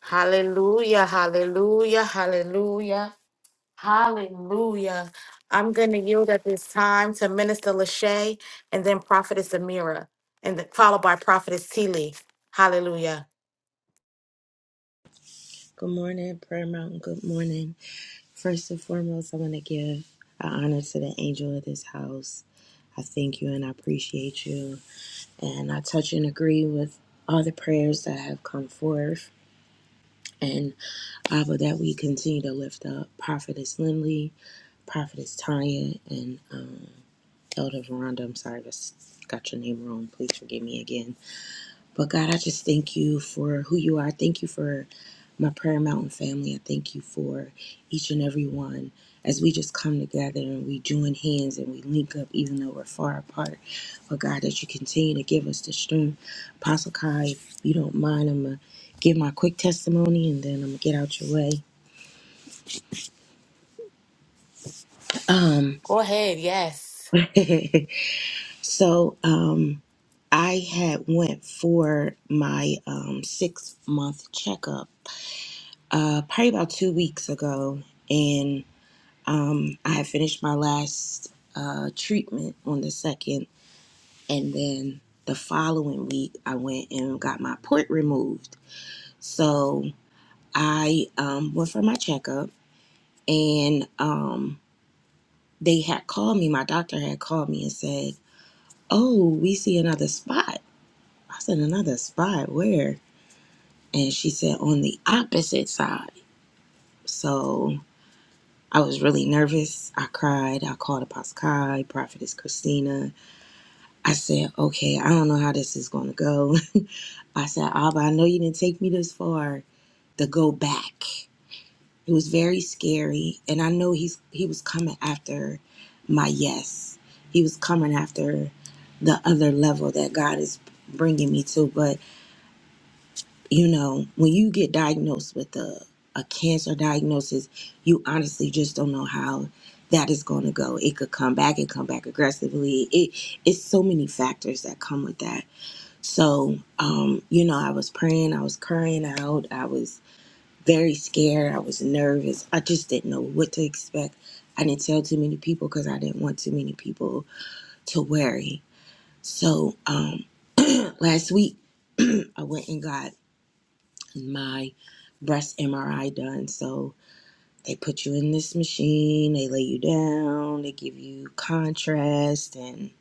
S1: Hallelujah. Hallelujah. Hallelujah. Hallelujah. I'm going to yield at this time to Minister Lachey and then Prophetess Amira, and then followed by Prophetess Teeley. Hallelujah.
S5: Good morning, Prayer Mountain. Good morning. First and foremost, I want to give an honor to the angel of this house. I thank you and I appreciate you. And I touch and agree with all the prayers that have come forth. And Abba, that we continue to lift up Prophetess Lindley, Prophetess Tanya, and um, Elder Veranda. I'm sorry if I s- got your name wrong. Please forgive me again. But God, I just thank you for who you are. I thank you for my Prayer Mountain family. I thank you for each and every one. As we just come together and we join hands and we link up, even though we're far apart. But God, that you continue to give us the strength. Apostle Kai, if you don't mind, I'm going to give my quick testimony and then I'm going to get out your way. Um,
S1: Go ahead. Yes.
S5: so, um, I had went for my um, six month checkup uh, probably about two weeks ago, and um, I had finished my last uh, treatment on the second, and then the following week I went and got my port removed. So I um, went for my checkup, and um, they had called me. My doctor had called me and said, "Oh, we see another spot." I said, "Another spot? Where?" And she said, "On the opposite side." So I was really nervous. I cried. I called Apostle Kai, Prophetess Christina. I said, okay, I don't know how this is going to go. I said, Abba, I know you didn't take me this far to go back. It was very scary. And I know he's he was coming after my yes. He was coming after the other level that God is bringing me to. But you know, when you get diagnosed with a, a cancer diagnosis, you honestly just don't know how that is going to go. It could come back and come back aggressively. It it's so many factors that come with that. So, um, you know, I was praying, I was crying out, I was very scared, I was nervous. I just didn't know what to expect. I didn't tell too many people because I didn't want too many people to worry. So, um, last week, I went and got my breast MRI done. So they put you in this machine, they lay you down, they give you contrast and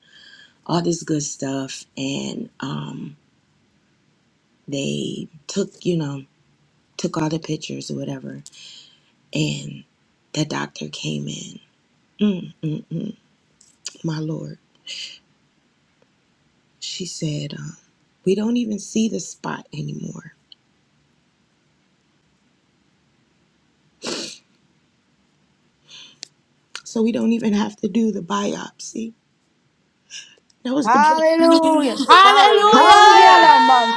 S5: all this good stuff. And um, they took, you know, took all the pictures or whatever. And the doctor came in. Mm, mm, mm, my Lord. She said, um, We don't even see the spot anymore. So we don't even have to do the biopsy. That was the best.
S6: Hallelujah.
S3: Hallelujah.
S6: Hayanaman.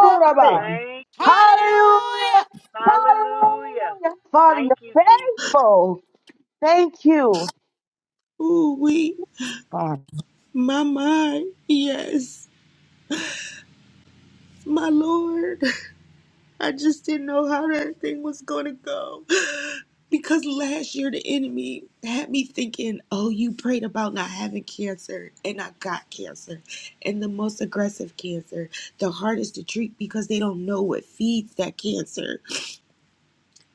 S3: Glory.
S2: Thank you, Jesus.
S6: Hallelujah.
S2: Hallelujah.
S6: Hallelujah. Father,
S2: Thank you,
S6: you're
S2: Jesus.
S6: faithful. Thank you,
S5: Ooh, we,
S6: Father.
S5: my mind. Yes. My Lord, I just didn't know how that thing was going to go. Because last year, the enemy had me thinking, oh, you prayed about not having cancer, and I got cancer. And the most aggressive cancer, the hardest to treat because they don't know what feeds that cancer.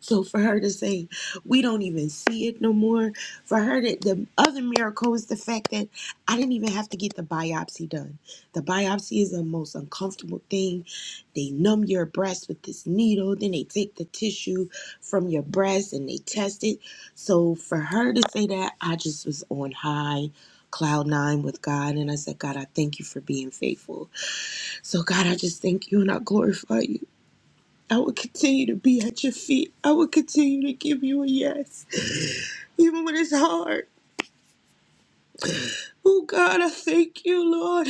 S5: So for her to say, we don't even see it no more. For her to, the other miracle is the fact that I didn't even have to get the biopsy done. The biopsy is the most uncomfortable thing. They numb your breast with this needle, then they take the tissue from your breast and they test it. So for her to say that, I just was on high cloud nine with God and I said, God, I thank you for being faithful. So God, I just thank you and I glorify you. I will continue to be at your feet. I will continue to give you a yes, even when it's hard. Oh God, I thank you, Lord.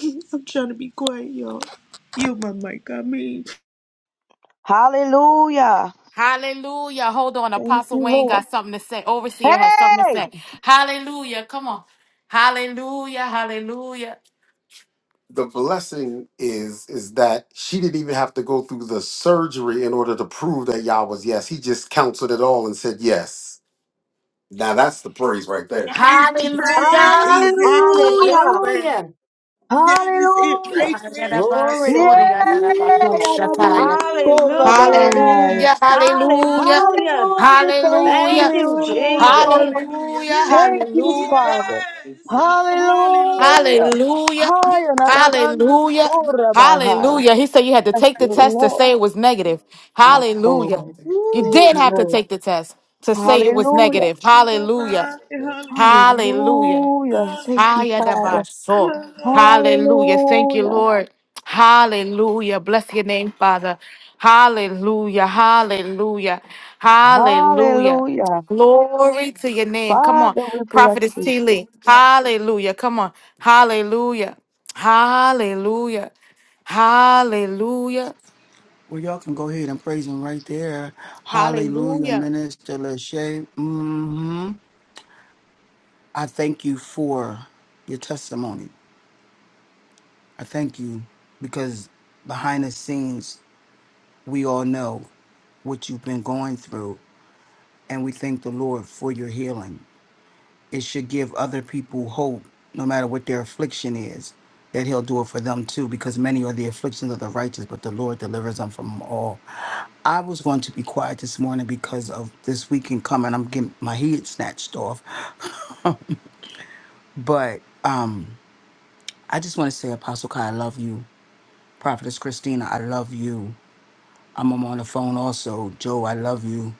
S5: I'm trying to be quiet, y'all. You my mic, I mean.
S6: Hallelujah.
S1: Hallelujah. Hold on.
S6: Thank
S1: Apostle
S6: you,
S1: Wayne
S6: Lord.
S1: got something to say. Overseer has something to
S6: Hey!
S1: say. Hallelujah. Come on. Hallelujah. Hallelujah. the blessing is is that she didn't even have to go through the surgery in order to prove that Yah was yes. He just counseled it all and said yes. Now that's the praise right there.
S5: That is the
S1: Hallelujah.
S5: praise. Exactly. That's
S6: Hallelujah.
S5: where
S3: Hallelujah.
S5: that is it
S6: Hallelujah.
S5: right there.
S3: Glory to God.
S6: Yeah. Yanaman
S5: Ooh,
S3: Hallelujah.
S6: Horaban.
S1: Hallelujah. Hallelujah.
S5: yes. Abba,
S1: Hallelujah.
S3: Hallelujah.
S5: Hallelujah.
S6: Hallelujah. Thank
S1: Hallelujah.
S3: Thank
S6: you,
S3: you,
S5: Hallelujah.
S6: Lord.
S3: Jesus.
S5: Hallelujah.
S1: Hallelujah.
S6: Thank you, Father.
S5: Yes. Abba, Hallelujah.
S6: Hallelujah.
S1: Hallelujah.
S6: Higher than a man,
S1: Hallelujah.
S6: soarer by
S1: Hallelujah. He said you had to
S6: Thank
S1: take the
S6: you,
S1: test to
S6: Lord,
S1: say it was negative.
S6: our
S1: Hallelujah.
S6: Father.
S1: You
S6: Thank
S5: Woo!
S1: did
S6: you,
S1: have to
S6: Lord.
S1: take the test to say it was
S6: Hallelujah.
S1: negative. Hallelujah.
S5: Bye-bye. Hallelujah.
S1: Hallelujah.
S6: Hallelujah. Thank
S5: Hallelujah.
S6: you, Father.
S1: Hayadabaso. Hallelujah. Thank you,
S6: Hallelujah.
S1: Lord. Hallelujah. Bless your name, Father. Hallelujah. Hallelujah. Hallelujah.
S6: Hallelujah.
S1: Glory to your name. Come on.
S6: Father, we bless
S1: Prophetess
S6: you.
S1: T. Lee. Hallelujah. Come on. Hallelujah. Hallelujah. Hallelujah.
S7: Well, y'all can go ahead and praise him right there. Hallelujah,
S1: Hallelujah.
S7: Minister Lachey. Mm hmm I thank you for your testimony. I thank you because behind the scenes, we all know what you've been going through, and we thank the Lord for your healing. it should give other people hope, no matter what their affliction is, that he'll do it for them too, because many are the afflictions of the righteous, but the Lord delivers them from them all. I was going to be quiet this morning because of this weekend coming. I'm getting my head snatched off. But um, I just want to say, Apostle Kai, I love you. Prophetess Christina, I love you. I'm I'm on the phone also. Joe, I love you.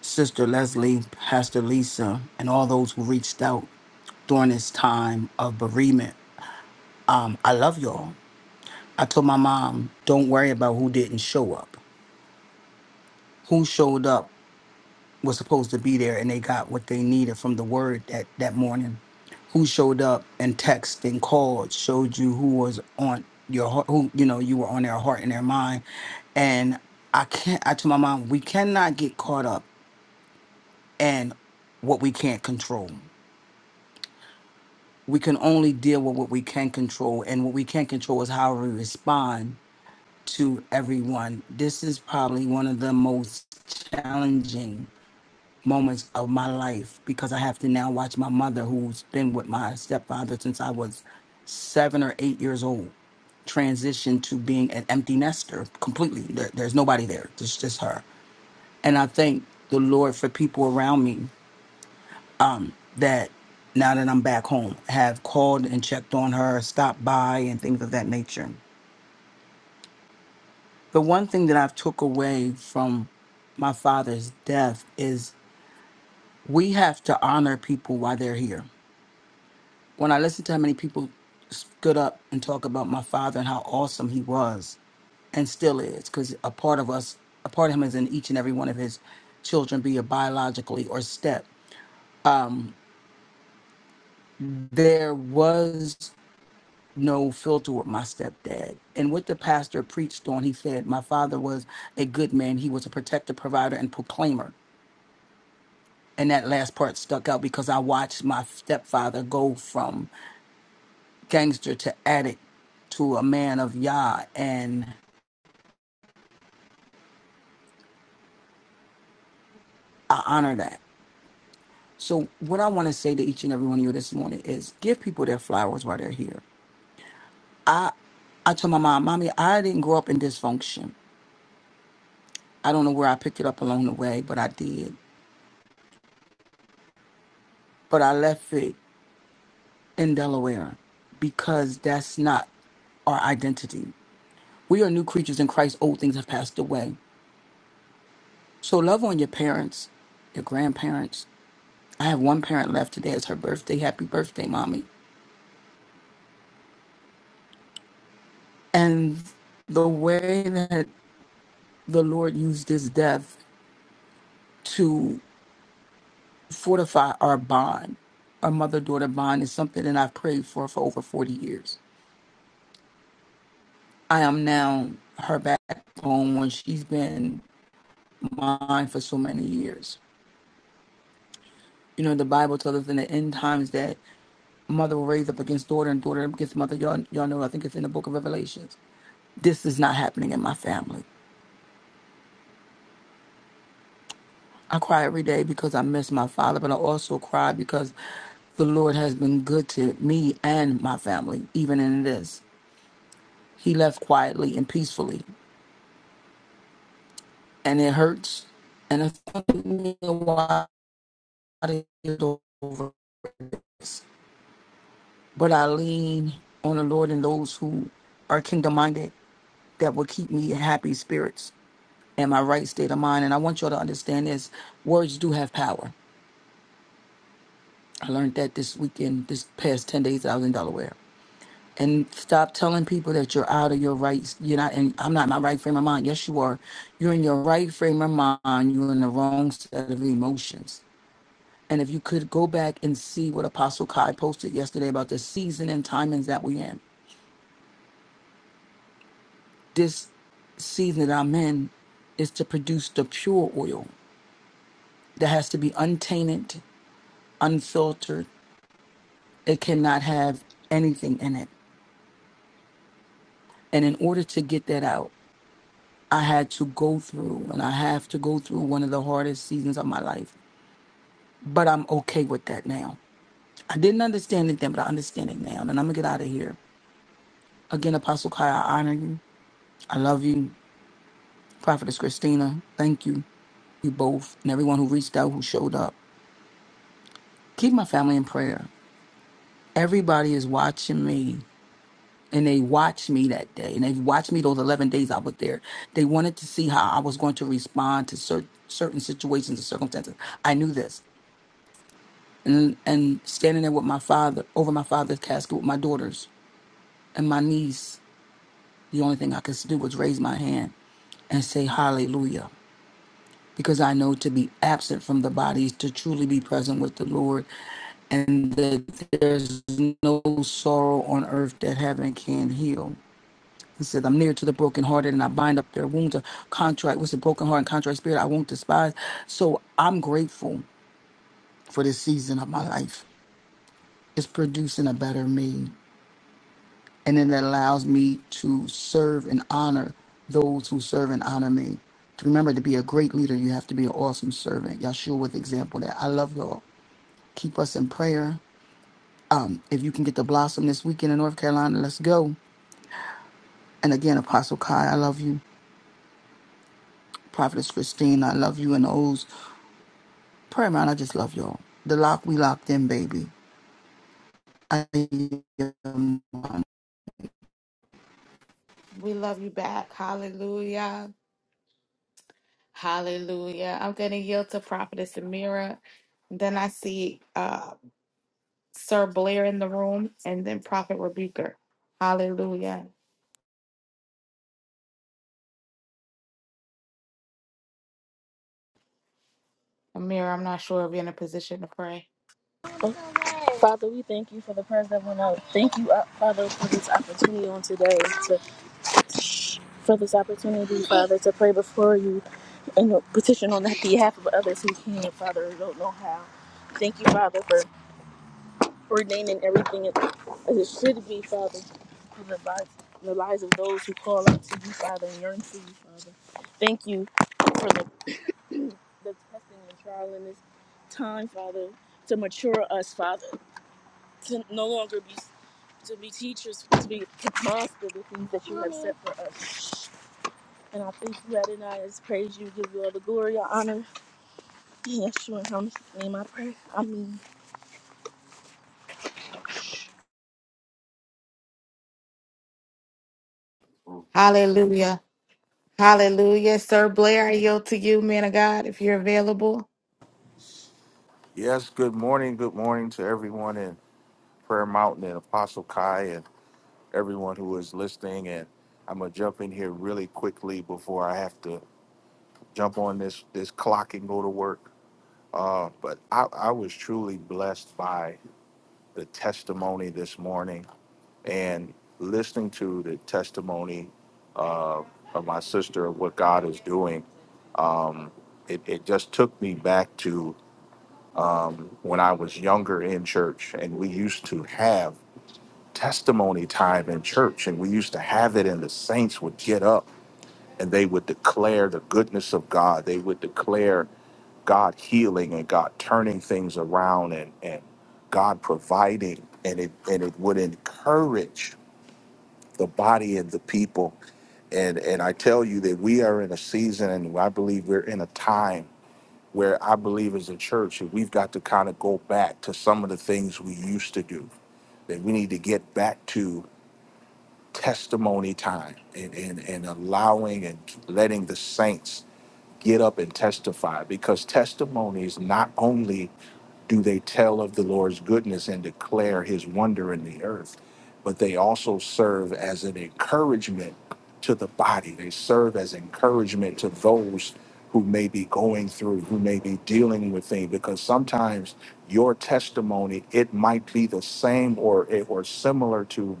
S7: Sister Leslie, Pastor Lisa, and all those who reached out during this time of bereavement. Um, I love y'all. I told my mom, don't worry about who didn't show up. Who showed up was supposed to be there and they got what they needed from the word that, that morning. Who showed up and texted and called, showed you who was on your heart, who, you know, you were on their heart and their mind. And I can't, I told my mom, we cannot get caught up in what we can't control. We can only deal with what we can control. And what we can't control is how we respond to everyone. This is probably one of the most challenging moments of my life because I have to now watch my mother, who's been with my stepfather since I was seven or eight years old, transition to being an empty nester completely. There, there's nobody there, it's just her. And I thank the Lord for people around me that now that I'm back home have called and checked on her, stopped by, and things of that nature. the one thing that I've took away from my father's death is we have to honor people while they're here. When I listen to how many people stood up and talk about my father and how awesome he was and still is, because a part of us, a part of him is in each and every one of his children, be it biologically or step. There was no filter with my stepdad. And what the pastor preached on, he said, my father was a good man. He was a protector, provider, and proclaimer and that last part stuck out because I watched my stepfather go from gangster to addict to a man of Yah, and I honor that. So, what I want to say to each and every one of you this morning is give people their flowers while they're here. I told my mom, Mommy, I didn't grow up in dysfunction. I don't know where I picked it up along the way, but I did. But I left it in Delaware because that's not our identity. We are new creatures in Christ. Old things have passed away. So love on your parents, your grandparents. I have one parent left. Today is her birthday. Happy birthday, mommy. And the way that the Lord used this death to fortify our bond, our mother daughter bond, is something that I've prayed for for over 40 years. I am now her backbone when she's been mine for so many years. You know, the Bible tells us in the end times that mother will raise up against daughter and daughter against mother. Y'all, y'all know, I think it's in the book of Revelations this is not happening in my family. I cry every day because I miss my father, but I also cry because the Lord has been good to me and my family, even in this. He left quietly and peacefully, and it hurts. And it took me a while to get over this. But I lean on the Lord and those who are kingdom minded that will keep me in happy spirits and my right state of mind. And I want y'all to understand this words do have power I learned that this weekend, this past 10 days that I was in Delaware. And stop telling people that you're out of your rights. You're not, and I'm not in my right frame of mind. Yes, you are. You're in your right frame of mind. You're in the wrong set of emotions. And if you could go back and see what Apostle Kai posted yesterday about the season and timings that we're in, this season that I'm in is to produce the pure oil that has to be untainted, unfiltered. It cannot have anything in it. And in order to get that out, I had to go through, and I have to go through one of the hardest seasons of my life. But I'm okay with that now. I didn't understand it then, but I understand it now. And I'm gonna get out of here. Again, Apostle Kai, I honor you. I love you. Prophetess Christina, thank you. You both and everyone who reached out, who showed up. Keep my family in prayer. Everybody is watching me, and they watched me that day, and they watched me those 11 days I was there. They wanted to see how I was going to respond to certain certain situations and circumstances. I knew this. and, and standing there with my father over my father's casket with my daughters and my niece the only thing i could do was raise my hand and say hallelujah because i know to be absent from the body is to truly be present with the lord and that there's no sorrow on earth that heaven can heal he said, I'm near to the brokenhearted and I bind up their wounds. A contract with the broken heart and contrite spirit I won't despise. So I'm grateful for this season of my life. It's producing a better me. and it allows me to serve and honor those who serve and honor me. To remember to be a great leader, you have to be an awesome servant. Yahshua with example of that I love y'all. Keep us in prayer. If you can get the blossom this weekend in North Carolina, let's go. And again, Apostle Kai, I love you. Prophetess Christine, I love you. And the O's prayer man, I just love y'all. The lock we locked in, baby. I
S1: We love you back. Hallelujah. Hallelujah. I'm going to yield to Prophetess Amira. Then I see. uh. Sir Blair in the room, and then Prophet Rebuker. Hallelujah. Amir, I'm not sure if you're in a position to pray.
S8: Father, we thank you for the prayers that went out. Thank you, uh, Father, for this opportunity on today, to, for this opportunity, Father, to pray before you and petition on that behalf of others who can, Father, who don't know how. Thank you, Father, for ordaining everything as it should be, Father, for the lives, the lives of those who call out to you, Father, and yearn for you, Father. Thank you for the, the testing and trial in this time, Father, to mature us, Father, to no longer be to be teachers, to be master the things that you have set for us. And I thank you, Adonai, I just praise you, give you all the glory, all honor, and Yeshua, in His name I pray. Amen.
S1: Hallelujah. Hallelujah. Sir Blair, I yield to you, man of God, if you're available.
S9: Yes, good morning. Good morning to everyone in Prayer Mountain and Apostle Kai and everyone who is listening. And I'm gonna jump in here really quickly before I have to jump on this this clock and go to work. Uh, but I, I was truly blessed by the testimony this morning and listening to the testimony uh, of my sister of what God is doing. It, it just took me back to um, when I was younger in church, and we used to have testimony time in church, and we used to have it, and the saints would get up and they would declare the goodness of God. They would declare God healing and God turning things around and, and God providing, and it and it would encourage the body and the people. And and I tell you that we are in a season, and I believe we're in a time where I believe as a church that we've got to kind of go back to some of the things we used to do. That we need to get back to testimony time and, and, and allowing and letting the saints get up and testify because testimonies not only do they tell of the Lord's goodness and declare his wonder in the earth, but they also serve as an encouragement to the body. They serve as encouragement to those who may be going through, who may be dealing with things, because sometimes your testimony, it might be the same or, or similar to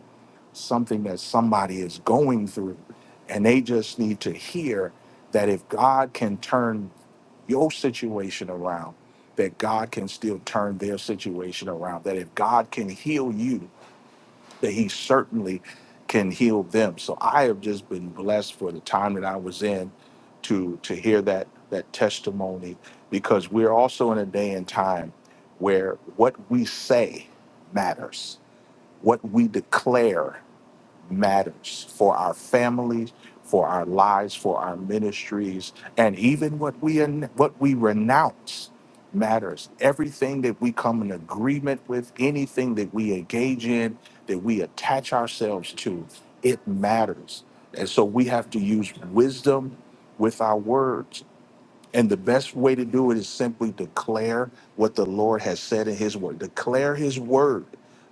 S9: something that somebody is going through. And they just need to hear that if God can turn your situation around, that God can still turn their situation around, that if God can heal you, that He certainly can heal them. So I have just been blessed for the time that I was in to to hear that that testimony because we're also in a day and time where what we say matters, what we declare matters for our families, for our lives, for our ministries, and even what we what we renounce matters. Everything that we come in agreement with, anything that we engage in, that we attach ourselves to, it matters. And so we have to use wisdom with our words and the best way to do it is simply declare what the Lord has said in his word. Declare his word.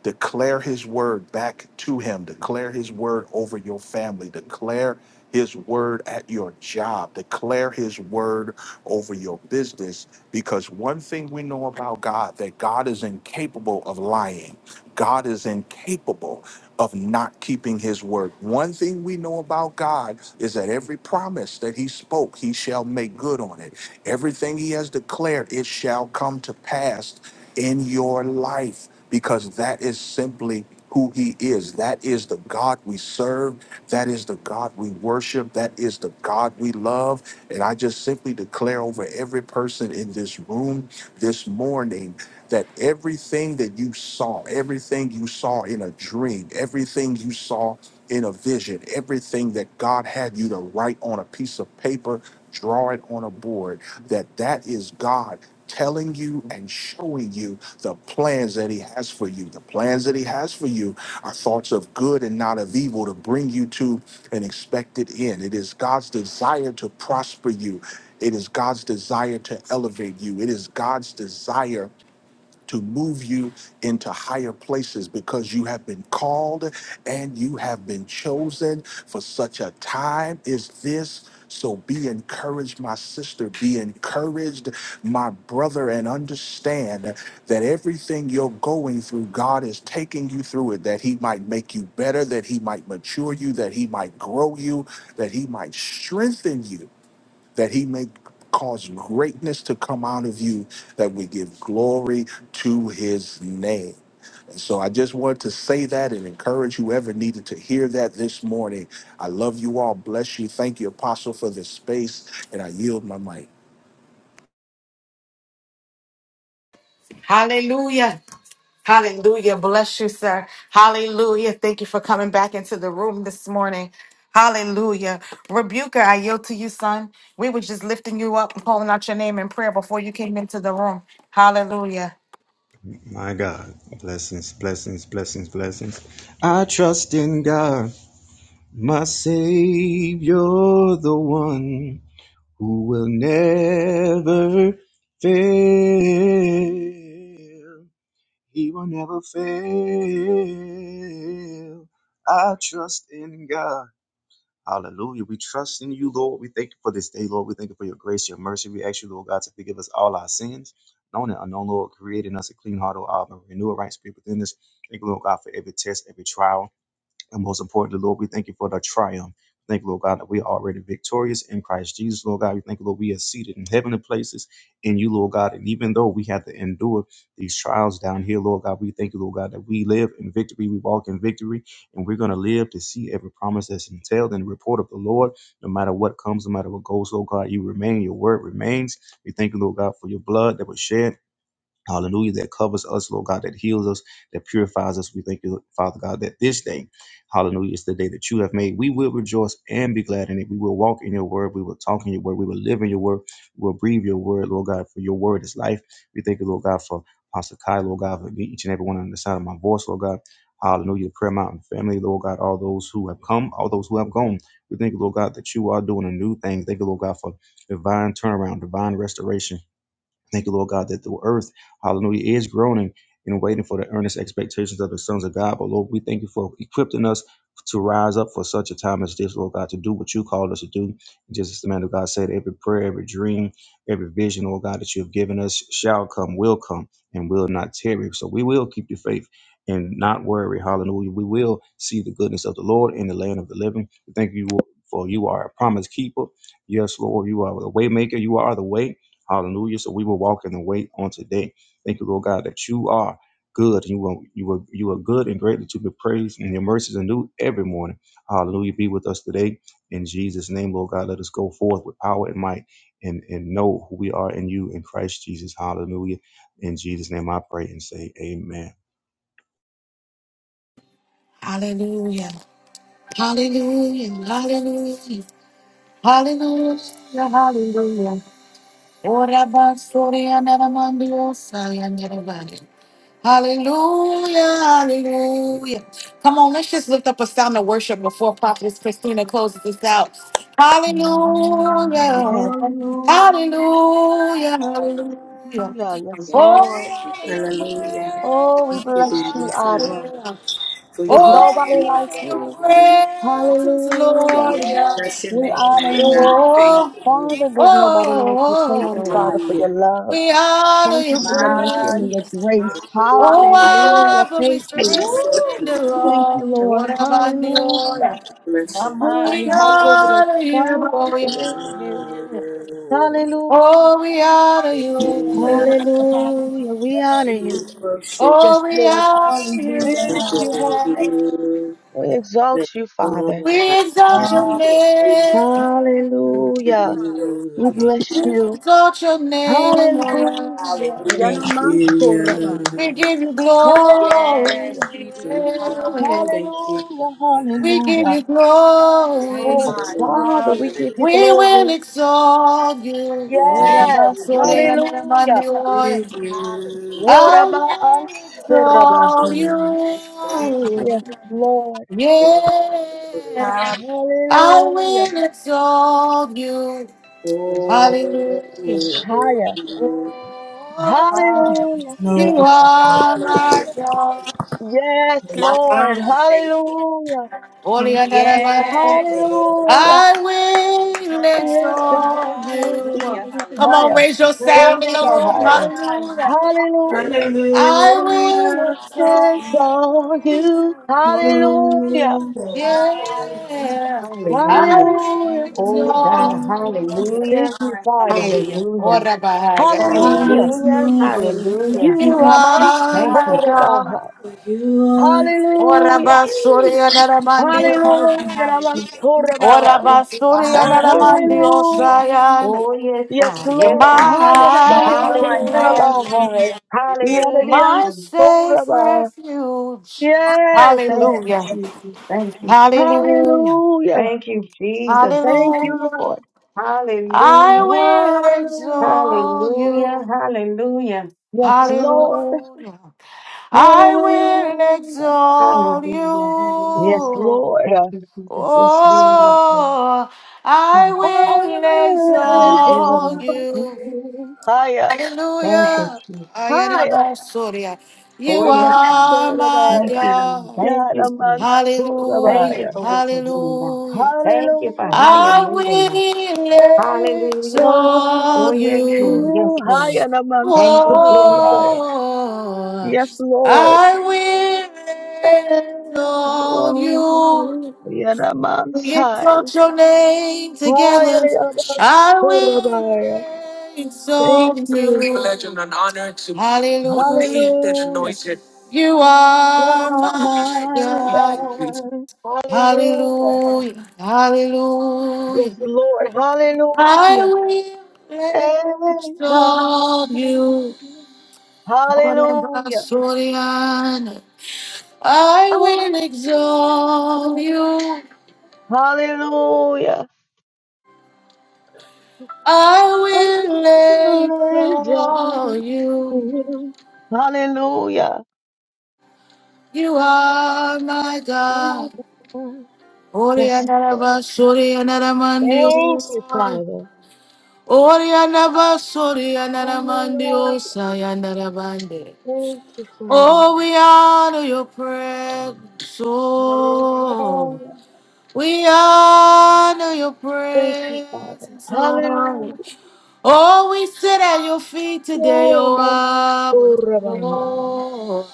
S9: Declare his word back to him. Declare his word over your family. Declare his word at your job. Declare his word over your business. Because one thing we know about God that God is incapable of lying. God is incapable of not keeping his word. One thing we know about God is that every promise that he spoke, he shall make good on it. Everything he has declared, it shall come to pass in your life because that is simply who he is. That is the God we serve. That is the God we worship. That is the God we love. And I just simply declare over every person in this room this morning that everything that you saw, everything you saw in a dream, everything you saw in a vision, everything that God had you to write on a piece of paper, draw it on a board, that that is God telling you and showing you the plans that he has for you. The plans that he has for you are thoughts of good and not of evil to bring you to an expected end. It is God's desire to prosper you. It is God's desire to elevate you. It is God's desire to move you into higher places because you have been called and you have been chosen for such a time as this. So be encouraged, my sister. Be encouraged, my brother, and understand that everything you're going through, God is taking you through it, that He might make you better, that He might mature you, that He might grow you, that He might strengthen you that he may cause greatness to come out of you, that we give glory to his name. And so I just wanted to say that and encourage whoever needed to hear that this morning. I love you all. Bless you. Thank you, Apostle, for this space. And I yield my mic.
S1: Hallelujah. Hallelujah. Bless you, sir. Hallelujah. Thank you for coming back into the room this morning. Hallelujah. Rebuker, I yield to you, son. We were just lifting you up and calling out your name in prayer before you came into the room. Hallelujah.
S10: My God. Blessings, blessings, blessings, blessings. I trust in God, my Savior, the one who will never fail. He will never fail. I trust in God. Hallelujah. We trust in you, Lord. We thank you for this day, Lord. We thank you for your grace, your mercy. We ask you, Lord God, to forgive us all our sins, known and unknown, Lord, creating us a clean heart, O Abba, renew a right spirit within us. Thank you, Lord God, for every test, every trial. And most importantly, Lord, we thank you for the triumph. Thank you, Lord God, that we are already victorious in Christ Jesus, Lord God. We thank you, Lord, we are seated in heavenly places in you, Lord God. And even though we have to endure these trials down here, Lord God, we thank you, Lord God, that we live in victory, we walk in victory, and we're going to live to see every promise that's entailed in the report of the Lord. No matter what comes, no matter what goes, God, God, you remain. Your your word remains. We thank, you, Lord God, for your blood that was shed. Hallelujah. That covers us, Lord God, that heals us, that purifies us. We thank you, Father God, that this day, hallelujah, is the day that you have made. We will rejoice and be glad in it. We will walk in your word. We will talk in your word. We will live in your word. We will breathe your word, Lord God, for your word is life. We thank you, Lord God, for Pastor Kai, Lord God, for each and every one on the sound of my voice, Lord God. Hallelujah. The Prayer Mountain family, Lord God, all those who have come, all those who have gone. We thank you, Lord God, that you are doing a new thing. Thank you, Lord God, for divine turnaround, divine restoration Thank you, Lord God, that the earth, hallelujah, is groaning and waiting for the earnest expectations of the sons of God. But Lord, we thank you for equipping us to rise up for such a time as this, Lord God, to do what you called us to do. Just as the man of God said, every prayer, every dream, every vision, Lord God, that you have given us shall come, will come, and will not tarry. So we will keep your faith and not worry. Hallelujah. We will see the goodness of the Lord in the land of the living. We thank you for you are a promise keeper. Yes, Lord, you are the way maker. You are the way. Hallelujah. So we will walk in the way on today. Thank you, Lord God, that you are good. You are you are you are good and greatly to be praised, and your mercies are new every morning. Hallelujah. Be with us today. In Jesus' name, Lord God, let us go forth with power and might and, and know who we are in you in Christ Jesus. Hallelujah. In Jesus' name I pray and say amen.
S1: Hallelujah. Hallelujah, hallelujah, hallelujah, hallelujah. Ora basoria nara mandiosa ya nara vare. Hallelujah, hallelujah. Come on, let's just lift up a sound of worship before Prophetess Christina closes this out.
S6: Hallelujah.
S1: Hallelujah.
S6: Hallelujah. Hallelujah. Yes, Lord.
S4: Hallelujah.
S6: Oh, we
S4: Thank you,
S6: bless you,
S4: dearly Father,
S6: Abba.
S4: for
S6: There's
S4: you are worthy
S6: nobody
S4: to
S6: like
S4: be
S6: you.
S4: praised. God.
S6: Hallelujah.
S4: Bless your
S6: We
S4: name,
S6: honor
S4: Adonai.
S6: you,
S4: Thank
S6: Father. There's nobody like you.
S4: you.
S6: Thank you, Father, for your
S4: Hallelujah.
S6: love. Thank you for your
S5: Hallelujah.
S6: mercy and your grace.
S4: Hallelujah.
S6: Hallelujah. Thank you.
S4: You are so good.
S6: Thank you, Lord. Hallelujah.
S4: Bless your holy
S6: Oh,
S1: We
S6: come and
S5: Hallelujah.
S6: visit
S4: name.
S6: us.
S1: honor you,
S6: Father,
S1: oh
S6: we
S1: yeah.
S6: love you. Hallelujah.
S1: Honor you.
S4: Hallelujah.
S1: yeah.
S6: Hallelujah. We honor
S4: We
S6: you.
S4: worship you.
S6: Yes, Lord. We lift you high. We exalt you,
S4: Lord.
S6: Father.
S5: Hallelujah.
S6: Hallelujah. We bless you.
S1: Exalt your name, oh yeah.
S6: Hallelujah.
S4: Thank you. Hallelujah.
S5: Hallelujah.
S4: Thank
S6: Yana
S4: you, yeah.
S1: We give you
S6: Hallelujah.
S1: glory.
S5: Yes, we do.
S4: Thank you.
S5: Hallelujah.
S4: Thank you.
S6: Hallelujah.
S1: We
S4: Yeah.
S1: give
S6: Hallelujah.
S1: you
S5: My,
S4: There's
S6: Oh,
S1: glory.
S4: no
S5: my.
S4: one
S6: Father, we give
S4: like
S6: you
S5: Hallelujah.
S1: We will
S6: glory.
S1: exalt you.
S5: Yes,
S6: Yes.
S1: Whatever sorry
S5: yes.
S4: you.
S1: and in a
S6: Hallelujah.
S1: Monday morning.
S4: Thank you.
S5: Hallelujah.
S1: I will exalt
S6: Woraba'ansurabahai.
S5: My,
S1: you.
S6: Yes, Lord.
S1: Yeah.
S5: my.
S1: I
S6: Hallelujah.
S1: will exalt you.
S4: Oh,
S1: Hallelujah.
S6: Higher. Hallelujah.
S4: no.
S1: You
S5: Hallelujah.
S1: are my
S5: Hallelujah.
S1: God.
S6: Yes,
S5: My, my.
S6: Lord.
S5: We thank you.
S6: Hallelujah.
S1: Holy and ever.
S5: Yes.
S6: Hallelujah.
S1: I will
S5: Come on.
S1: exalt you.
S5: Hallelujah.
S6: Exalted.
S1: Come
S5: Hallelujah.
S1: on,
S6: Higher.
S1: raise your sound in the
S5: My,
S1: room.
S6: Horabahai.
S1: Hallelujah.
S5: hallelujah.
S6: Hallelujah.
S1: I will
S4: Hallelujah.
S5: Hallelujah.
S1: exalt
S6: exalt you.
S4: There's
S6: Hallelujah.
S4: No
S1: you.
S5: Hallelujah.
S1: Yeah,
S3: Hallelujah.
S1: I will
S6: Hallelujah.
S3: Oh God,
S1: exalt you.
S3: hallelujah,
S6: Thank you, Father.
S3: hallelujah,
S1: Ora bahaya
S6: Hallelujah.
S5: My,
S3: hallelujah,
S4: one
S3: hallelujah.
S4: like
S1: You
S6: You are
S4: you.
S6: man's
S1: are
S3: Thank
S1: my
S3: you.
S1: God.
S6: Horabahai.
S4: you, are
S1: Ora
S6: Hallelujah.
S1: basuria naramandi
S5: my,
S1: oya.
S6: Hallelujah. Man's
S5: hallelujah.
S1: Ora
S6: Horabahai.
S1: basuria
S3: Thank
S5: My,
S3: you,
S1: naramandi
S3: Jesus.
S6: Hallelujah.
S1: osayan.
S3: Oh yes,
S6: Yes,
S3: God,
S1: You're
S3: yes,
S6: Lord.
S3: God.
S1: my
S6: Hayanabans
S1: hiding
S5: my,
S1: place,
S3: Hallelujah,
S6: Horabahai.
S5: hallelujah.
S3: hallelujah,
S1: my
S6: Yadadians
S3: Jesus.
S1: safe
S6: Horabahai.
S1: refuge.
S6: Yes.
S3: Thank you,
S1: Hallelujah.
S3: Jesus. Thank you, Je-
S1: Hallelujah.
S6: Hallelujah.
S3: thank you, Jesus. Thank
S6: Thank
S3: you.
S6: you,
S1: Hallelujah.
S6: Lord.
S1: I
S3: Hallelujah,
S1: will
S6: Hallelujah.
S1: exalt
S3: hallelujah,
S1: you.
S3: hallelujah,
S6: Yes, Lord.
S1: Hallelujah. I will
S6: Hallelujah.
S1: exalt
S3: hallelujah, hallelujah.
S6: Yes,
S1: you.
S6: Lord.
S3: Thank you, Jesus. Yes, Lord, yes, Lord.
S1: Oh, I will
S6: Always
S1: exalt
S3: Hallelujah.
S6: for
S1: you.
S6: you. Higher,
S3: Thank you,
S1: Hallelujah.
S3: Jesus.
S6: higher.
S1: Ayanabasoria.
S3: Oh
S1: You
S3: yes,
S1: are my
S3: Thank
S6: Namansorabaya.
S3: you, Lord.
S1: God.
S3: Thank you, Lord. Thank
S1: Hallelujah.
S3: you
S6: Yadamansorabaya.
S3: for what you're doing, God.
S1: Hallelujah.
S3: Thank you for how you're
S1: I
S6: Hallelujah.
S3: moving, God.
S1: will
S3: Hallelujah.
S6: Exalt
S3: Oh,
S1: exalt
S3: yes, Lord.
S1: you.
S3: Yes,
S6: You
S3: Lord.
S6: higher,
S3: Thank you, Jesus.
S6: Namansorabaya.
S1: Oh,
S6: Yes, Lord.
S1: I will exalt you.
S6: Exalt
S1: We
S6: Yadamansai.
S1: exalt your name
S6: Higher,
S1: together. I will
S6: Namansorabaya.
S1: exalt
S6: Thank
S1: you. It's a
S6: you.
S1: Privilege and an honor to Hallelujah. be the
S6: Hallelujah.
S1: anointed. You are
S6: You're
S1: my
S6: my
S1: God.
S6: God. Hallelujah.
S1: Hallelujah.
S6: Yes,
S1: Hallelujah.
S6: Lord.
S1: I
S6: Hallelujah.
S1: will
S6: Exalt.
S1: exalt you.
S6: Hallelujah.
S1: Basurian, I will exalt you.
S6: Hallelujah.
S1: I will lay
S6: Exalt
S1: exalt you.
S6: you. Hallelujah.
S1: You are my God.
S6: Yes,
S1: Oriana
S6: Lord.
S1: Basuriana Ramandio.
S6: Thank you, Father.
S1: Oriana Basuriana Ramandio.
S6: Hallelujah.
S1: Sayana Rabande.
S6: Thank you, Father.
S1: Oh, we honor your presence. Oh,
S6: Hallelujah.
S1: We honor your
S6: Thank you, Father.
S1: presence, Lord.
S6: Hallelujah.
S1: Oh, we sit at your feet today,
S6: Yeah,
S1: oh
S6: man. Oh,
S1: Abba,
S6: Rabbi.
S1: Lord.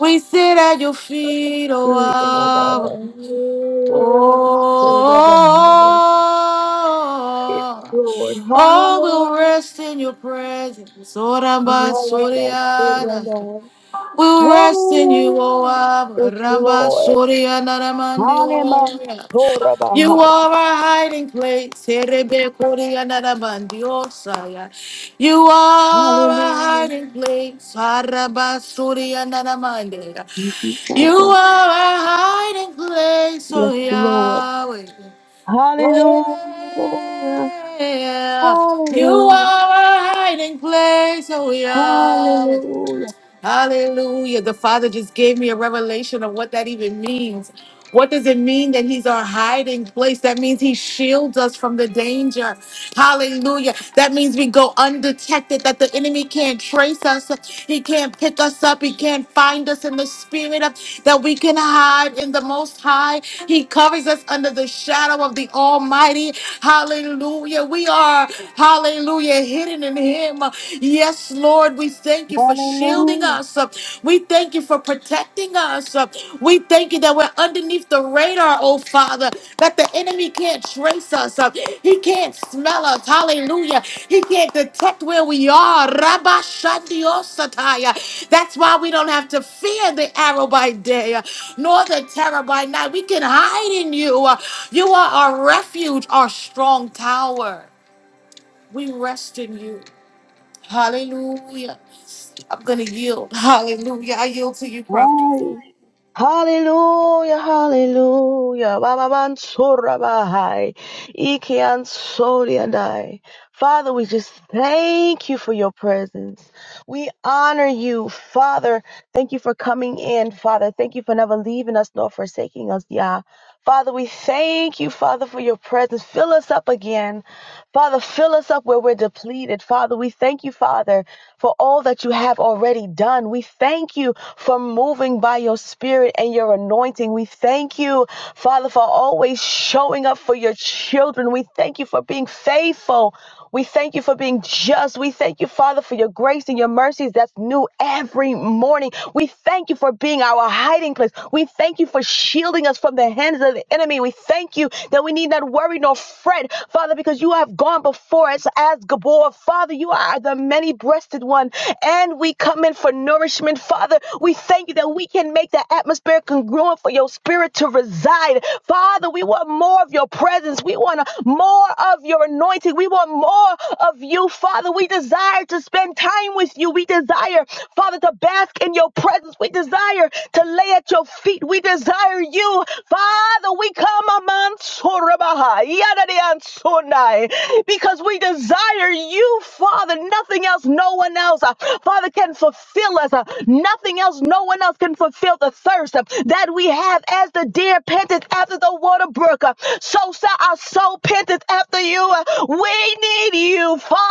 S1: We sit at your feet, oh
S6: Eh, Rabbi.
S1: Abba. Oh,
S6: Oh, Yes, Lord.
S1: oh, we'll
S6: Hallelujah.
S1: rest in your presence, oh Ramba
S6: Hallelujah.
S1: Soriana.
S6: Oh,
S1: We'll
S6: Hallelujah.
S1: rest in you, oh
S6: Yes,
S1: Abba,
S6: Lord.
S1: Ramba
S6: Hallelujah.
S1: Soriana Ramandio.
S6: Oh,
S1: You are our hiding place. Erebekoriyanaramandiyosaya. You are our
S6: Hallelujah.
S1: hiding place. Arabasuriyanaramandera.
S6: Thank you,
S1: You
S6: Father.
S1: are our hiding place, oh
S6: Yes, Lord.
S1: Yahweh.
S6: Hallelujah.
S1: Yeah. You
S6: Hallelujah.
S1: are our hiding place, oh Yahweh.
S6: Hallelujah.
S1: Hallelujah. The Father just gave me a revelation of what that even means. What does it mean that He's our hiding place? That means He shields us from the danger. Hallelujah. That means we go undetected, that the enemy can't trace us. He can't pick us up. He can't find us in the spirit of that we can hide in the Most High. He covers us under the shadow of the Almighty. Hallelujah. We are, hallelujah, hidden in Him. Yes, Lord, we thank you for shielding
S6: Hallelujah.
S1: us. Uh, We thank you for protecting us. Uh, We thank you that we're underneath the radar, oh Father, that the enemy can't trace us. Uh, He can't smell us. Hallelujah. He can't detect where we are. Rabba Shandiosataya. That's why we don't have to fear the arrow by day, uh, nor the terror by night. We can hide in you. Uh, You are our refuge, our strong tower. We rest in you. Hallelujah. I'm going to yield. Hallelujah. I yield to you, prophet.
S6: Hallelujah. Hallelujah, hallelujah. Baba Bansura Bahai. Iki Ansori and I. Father, we just thank you for your presence. We honor you, Father. Thank you for coming in, Father. Thank you for never leaving us nor forsaking us, Yah. Father, we thank you, Father, for your presence. Fill us up again. Father, fill us up where we're depleted. Father, we thank you, Father. for all that you have already done. We thank you for moving by your spirit and your anointing. We thank you, Father, for always showing up for your children. We thank you for being faithful. We thank you for being just. We thank you, Father, for your grace and your mercies that's new every morning. We thank you for being our hiding place. We thank you for shielding us from the hands of the enemy. We thank you that we need not worry nor fret, Father, because you have gone before us as Gabor. Father, Father, you are the many breasted one, and we come in for nourishment. Father, we thank you that we can make the atmosphere congruent for your spirit to reside. Father, we want more of your presence. We want more of your anointing. We want more of you, Father. We desire to spend time with you. We desire, Father, to bask in your presence. We desire to lay at your feet. We desire you, Father. We come among Surabahai, Yadadi and Sunai, because we we desire you, Father, nothing else, no one else, uh, Father, can fulfill us. uh, Nothing else, no one else can fulfill the thirst uh, that we have as the deer panteth after the water brook. uh, So shall our soul panteth after you. uh, We need you, Father.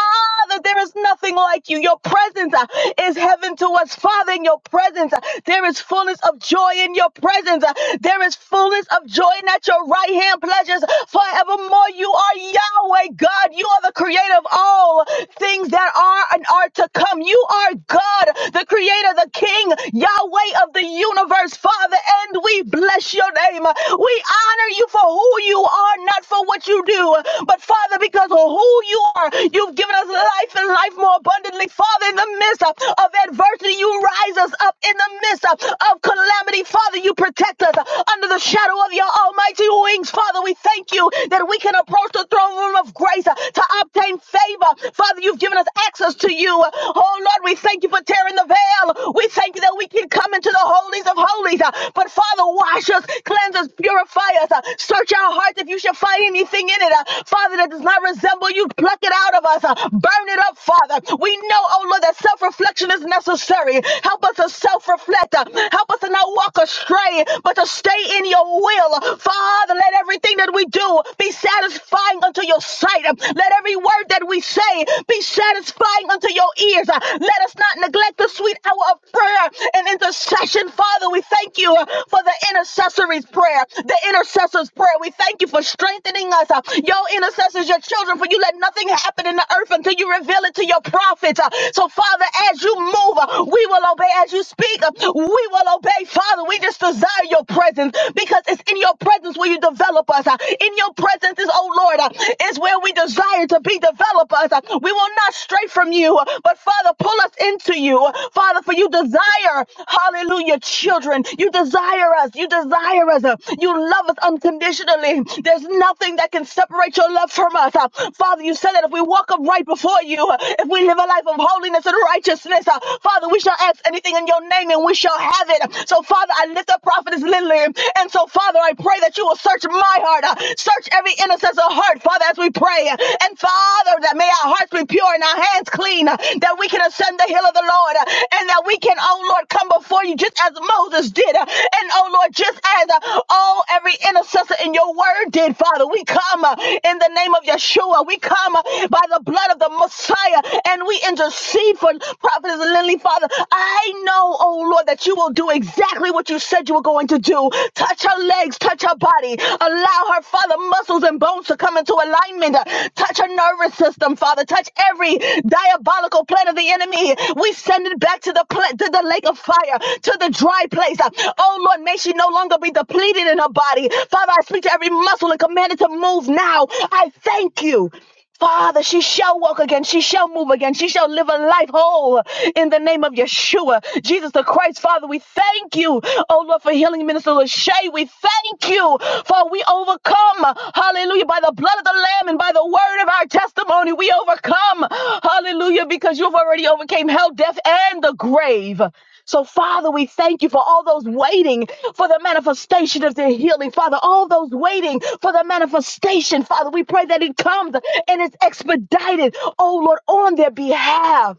S6: There is nothing like you. Your presence uh, is heaven to us, Father. In your presence, uh, there is fullness of joy. In your presence, uh, there is fullness of joy. And at your right hand, pleasures forevermore. You are Yahweh God. You are the creator of all things that are and are to come. You are God, the creator, the king, Yahweh of the universe, Father, and we bless your name. We honor you for who you are, not for what you do, but Father, because of who you are, you've given us life and life more abundantly. Father, in the midst of of adversity, you rise us up. In the midst of of calamity, Father, you protect us under the shadow of your almighty wings. Father, we thank you thank you that we can approach the throne room of grace uh, to obtain favor. Father, you've given us access to you. Oh Lord, we thank you for tearing the veil. We thank you that we can come into the holies of holies. Uh, But Father, wash us, cleanse us, purify us. Uh, Search our hearts if you should find anything in it. Uh, Father, that does not resemble you, pluck it out of us. Uh, Burn it up, Father. We know, oh Lord, that self reflection is necessary. Help us to self reflect. Help us to not walk astray, but to stay in your will. Father. Father, let everything that we do be satisfying unto your sight. Let every word that we say be satisfying unto your ears. Let us not neglect the sweet hour of prayer and intercession. Father, we thank you for the intercessory's prayer, the intercessor's prayer. We thank you for strengthening us. uh, Your intercessors, your children, for you let nothing happen in the earth until you reveal it to your prophets. Uh, So, Father, as you move, uh, we will obey. As you speak, uh, we will obey. Father, we just desire your presence presence because it's in your presence where you develop us. uh. In your presence is, oh Lord, uh, is where we desire to be developed. Us. uh. We will not stray from you, uh, but Father, pull us into you. Father, for you desire, hallelujah, children. You desire us. You desire us. uh. You love us unconditionally. There's nothing that can separate your love from us. uh. Father, you said that if we walk upright before you, uh, if we live a life of holiness and righteousness, uh, Father, we shall ask anything in your name and we shall have it. So, Father, Father, I lift up prophetess Lillian. And so, Father, I pray that you will search my heart, uh, search every intercessor heart, Father, as we pray. And Father, that may our hearts be pure and our hands clean, uh, that we can ascend the hill of the Lord, uh, and that we can, oh Lord, come before you just as Moses did. uh, And oh Lord, just as uh, all every intercessor in your word did, Father, we come uh, in the name of Yeshua. We come uh, by the blood of the Messiah and we intercede for prophetess Lily, Father. I know, oh oh Lord, that you will do exactly what you said you were going to do. Touch her legs, touch her body. Allow her, Father, muscles and bones to come into alignment. Touch her nervous system, Father. Touch every diabolical plan of the enemy. We send it back to the pla- to the lake of fire, to the dry place. Oh Lord, may she no longer be depleted in her body. Father, I speak to every muscle and command it to move now. I thank you. Father, she shall walk again. She shall move again. She shall live a life whole in the name of Yeshua, Jesus the Christ. Father, we thank you, oh Lord, for healing Minister Lachey. We thank you for we overcome, hallelujah, by the blood of the Lamb and by the word of our testimony. We overcome, hallelujah, because you've already overcame hell, death, and the grave. So, Father, we thank you for all those waiting for the manifestation of their healing. Father, all those waiting for the manifestation, Father, we pray that it comes and it's expedited, oh Lord, on their behalf.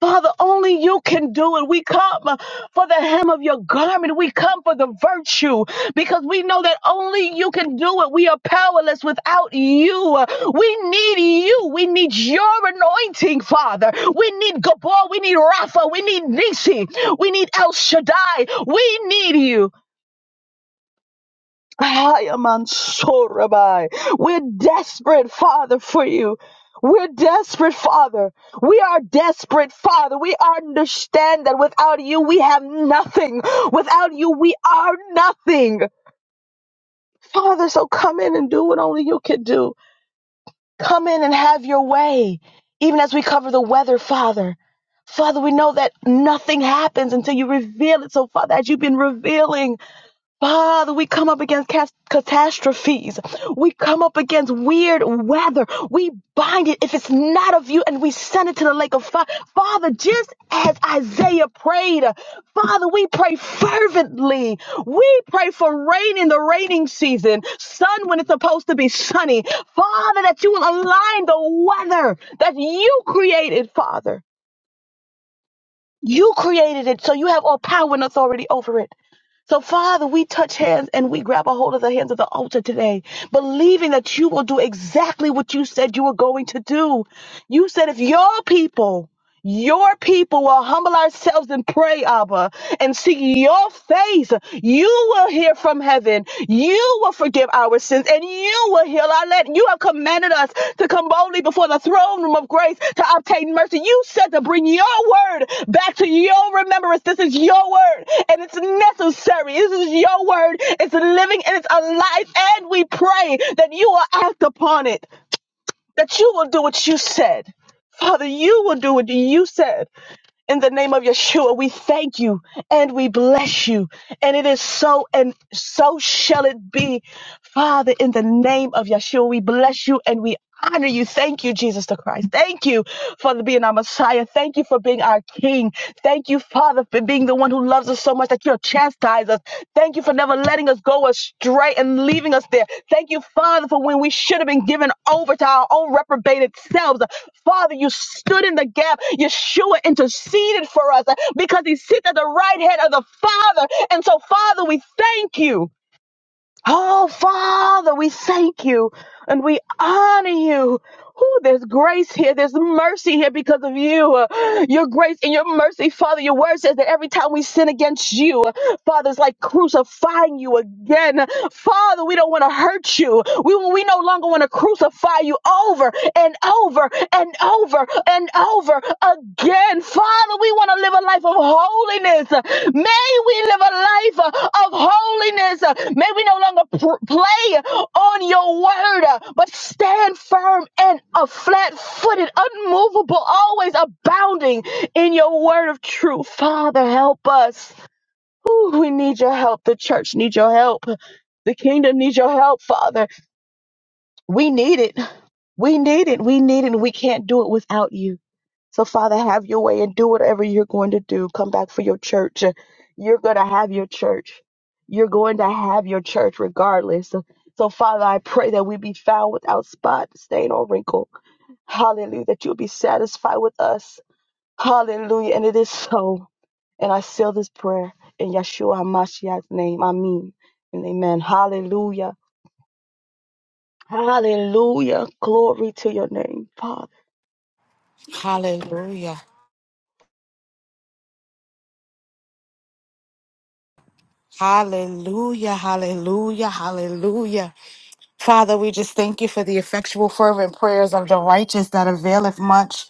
S6: Father, only you can do it. We come uh, for the hem of your garment. We come for the virtue because we know that only you can do it. We are powerless without you. Uh, We need you. We need your anointing, Father. We need Gabor. We need Rapha. We need Nisi. We need El Shaddai. We need you. I am on Ayamansurabai. We're desperate, Father, for you. We're desperate, Father. We are desperate, Father. We understand that without you, we have nothing. Without you, we are nothing. Father, so come in and do what only you can do. Come in and have your way. Even as we cover the weather, Father. Father, we know that nothing happens until you reveal it. So, Father, as you've been revealing, Father, we come up against cas- catastrophes. We come up against weird weather. We bind it if it's not of you and we send it to the lake of fire. Father, just as Isaiah prayed, Father, we pray fervently. We pray for rain in the raining season, sun when it's supposed to be sunny. Father, that you will align the weather that you created, Father. You created it, so you have all power and authority over it. So, Father, we touch hands and we grab a hold of the hands of the altar today, believing that you will do exactly what you said you were going to do. You said, if your people your people will humble ourselves and pray, Abba, and seek your face. You will hear from heaven. You will forgive our sins and you will heal our land. You have commanded us to come boldly before the throne room of grace to obtain mercy. You said to bring your word back to your remembrance. This is your word and it's necessary. This is your word. It's living and it's alive. And we pray that you will act upon it that you will do what you said. Father, you will do what you said. In the name of Yeshua, we thank you and we bless you. And it is so and so shall it be. Father, in the name of Yeshua, we bless you and we honor you. Thank you, Jesus the Christ. Thank you for being our Messiah. Thank you for being our King. Thank you, Father, for being the one who loves us so so much that you'll chastise us. Thank you for never letting us go astray and leaving us there. Thank you, Father, for when we should have been given over to our own reprobated selves. Father, you stood in the gap. Yeshua interceded for us because he sits at the right hand of the Father. And so, Father, we thank you. Oh, Father, we thank you and we honor you. Ooh, there's grace here. There's mercy here because of you. Uh, Your grace and your mercy, Father. Your word says that every time we sin against you, uh, Father, it's like crucifying you again. Father, we don't want to hurt you. We, we no longer want to crucify you over and over and over and over again. Father, we want to live a life of holiness. May we live a life uh, of holiness. Uh, May we no longer pr- play on your word, uh, but stand firm and a flat footed, unmovable, always abounding in your word of truth. Father, help us. Ooh, we need your help. The church needs your help. The kingdom needs your help, Father. We need it. We need it. We need it. we can't do it without you. So, Father, have your way and do whatever you're going to do. Come back for your church. You're going to have your church. You're going to have your church regardless. So, Father, I pray that we be found without spot, stain, or wrinkle. Hallelujah. That you'll be satisfied with us. Hallelujah. And it is so. And I seal this prayer in Yeshua HaMashiach's name. Amen. And amen. Hallelujah. Hallelujah. Glory to your name, Father.
S1: Hallelujah. Hallelujah. Hallelujah. Hallelujah. Father, we just thank you for the effectual, fervent prayers of the righteous that availeth much.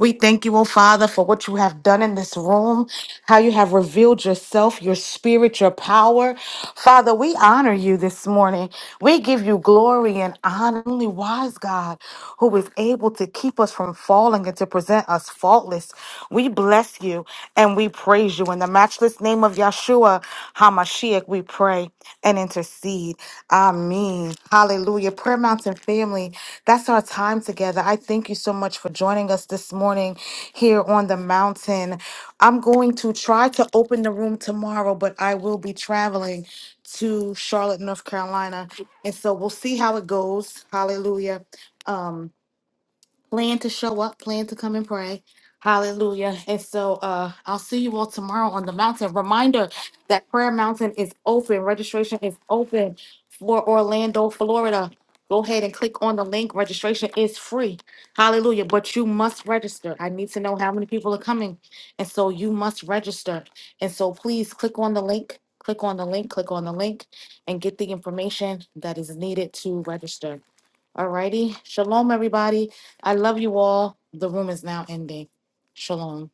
S1: We thank you, O Father, for what you have done in this room, how you have revealed yourself, your spirit, your power. Father, we honor you this morning. We give you glory and honor, only wise God, who is able to keep us from falling and to present us faultless. We bless you and we praise you. In the matchless name of Yahshua, HaMashiach, we pray and intercede. Amen. Hallelujah. Prayer Mountain family, that's our time together. I thank you so much for joining us this morning here on the mountain. I'm going to try to open the room tomorrow, but I will be traveling to Charlotte, North Carolina. And so we'll see how it goes. Hallelujah. Um, plan to show up, plan to come and pray. Hallelujah. And so uh I'll see you all tomorrow on the mountain. Reminder that Prayer Mountain is open. Registration is open for Orlando, Florida. Go ahead and click on the link. Registration is free. Hallelujah. But you must register. I need to know how many people are coming. And so you must register. And so please click on the link. Click on the link. Click on the link and get the information that is needed to register. Alrighty. Shalom, everybody. I love you all. The room is now ending. Shalom.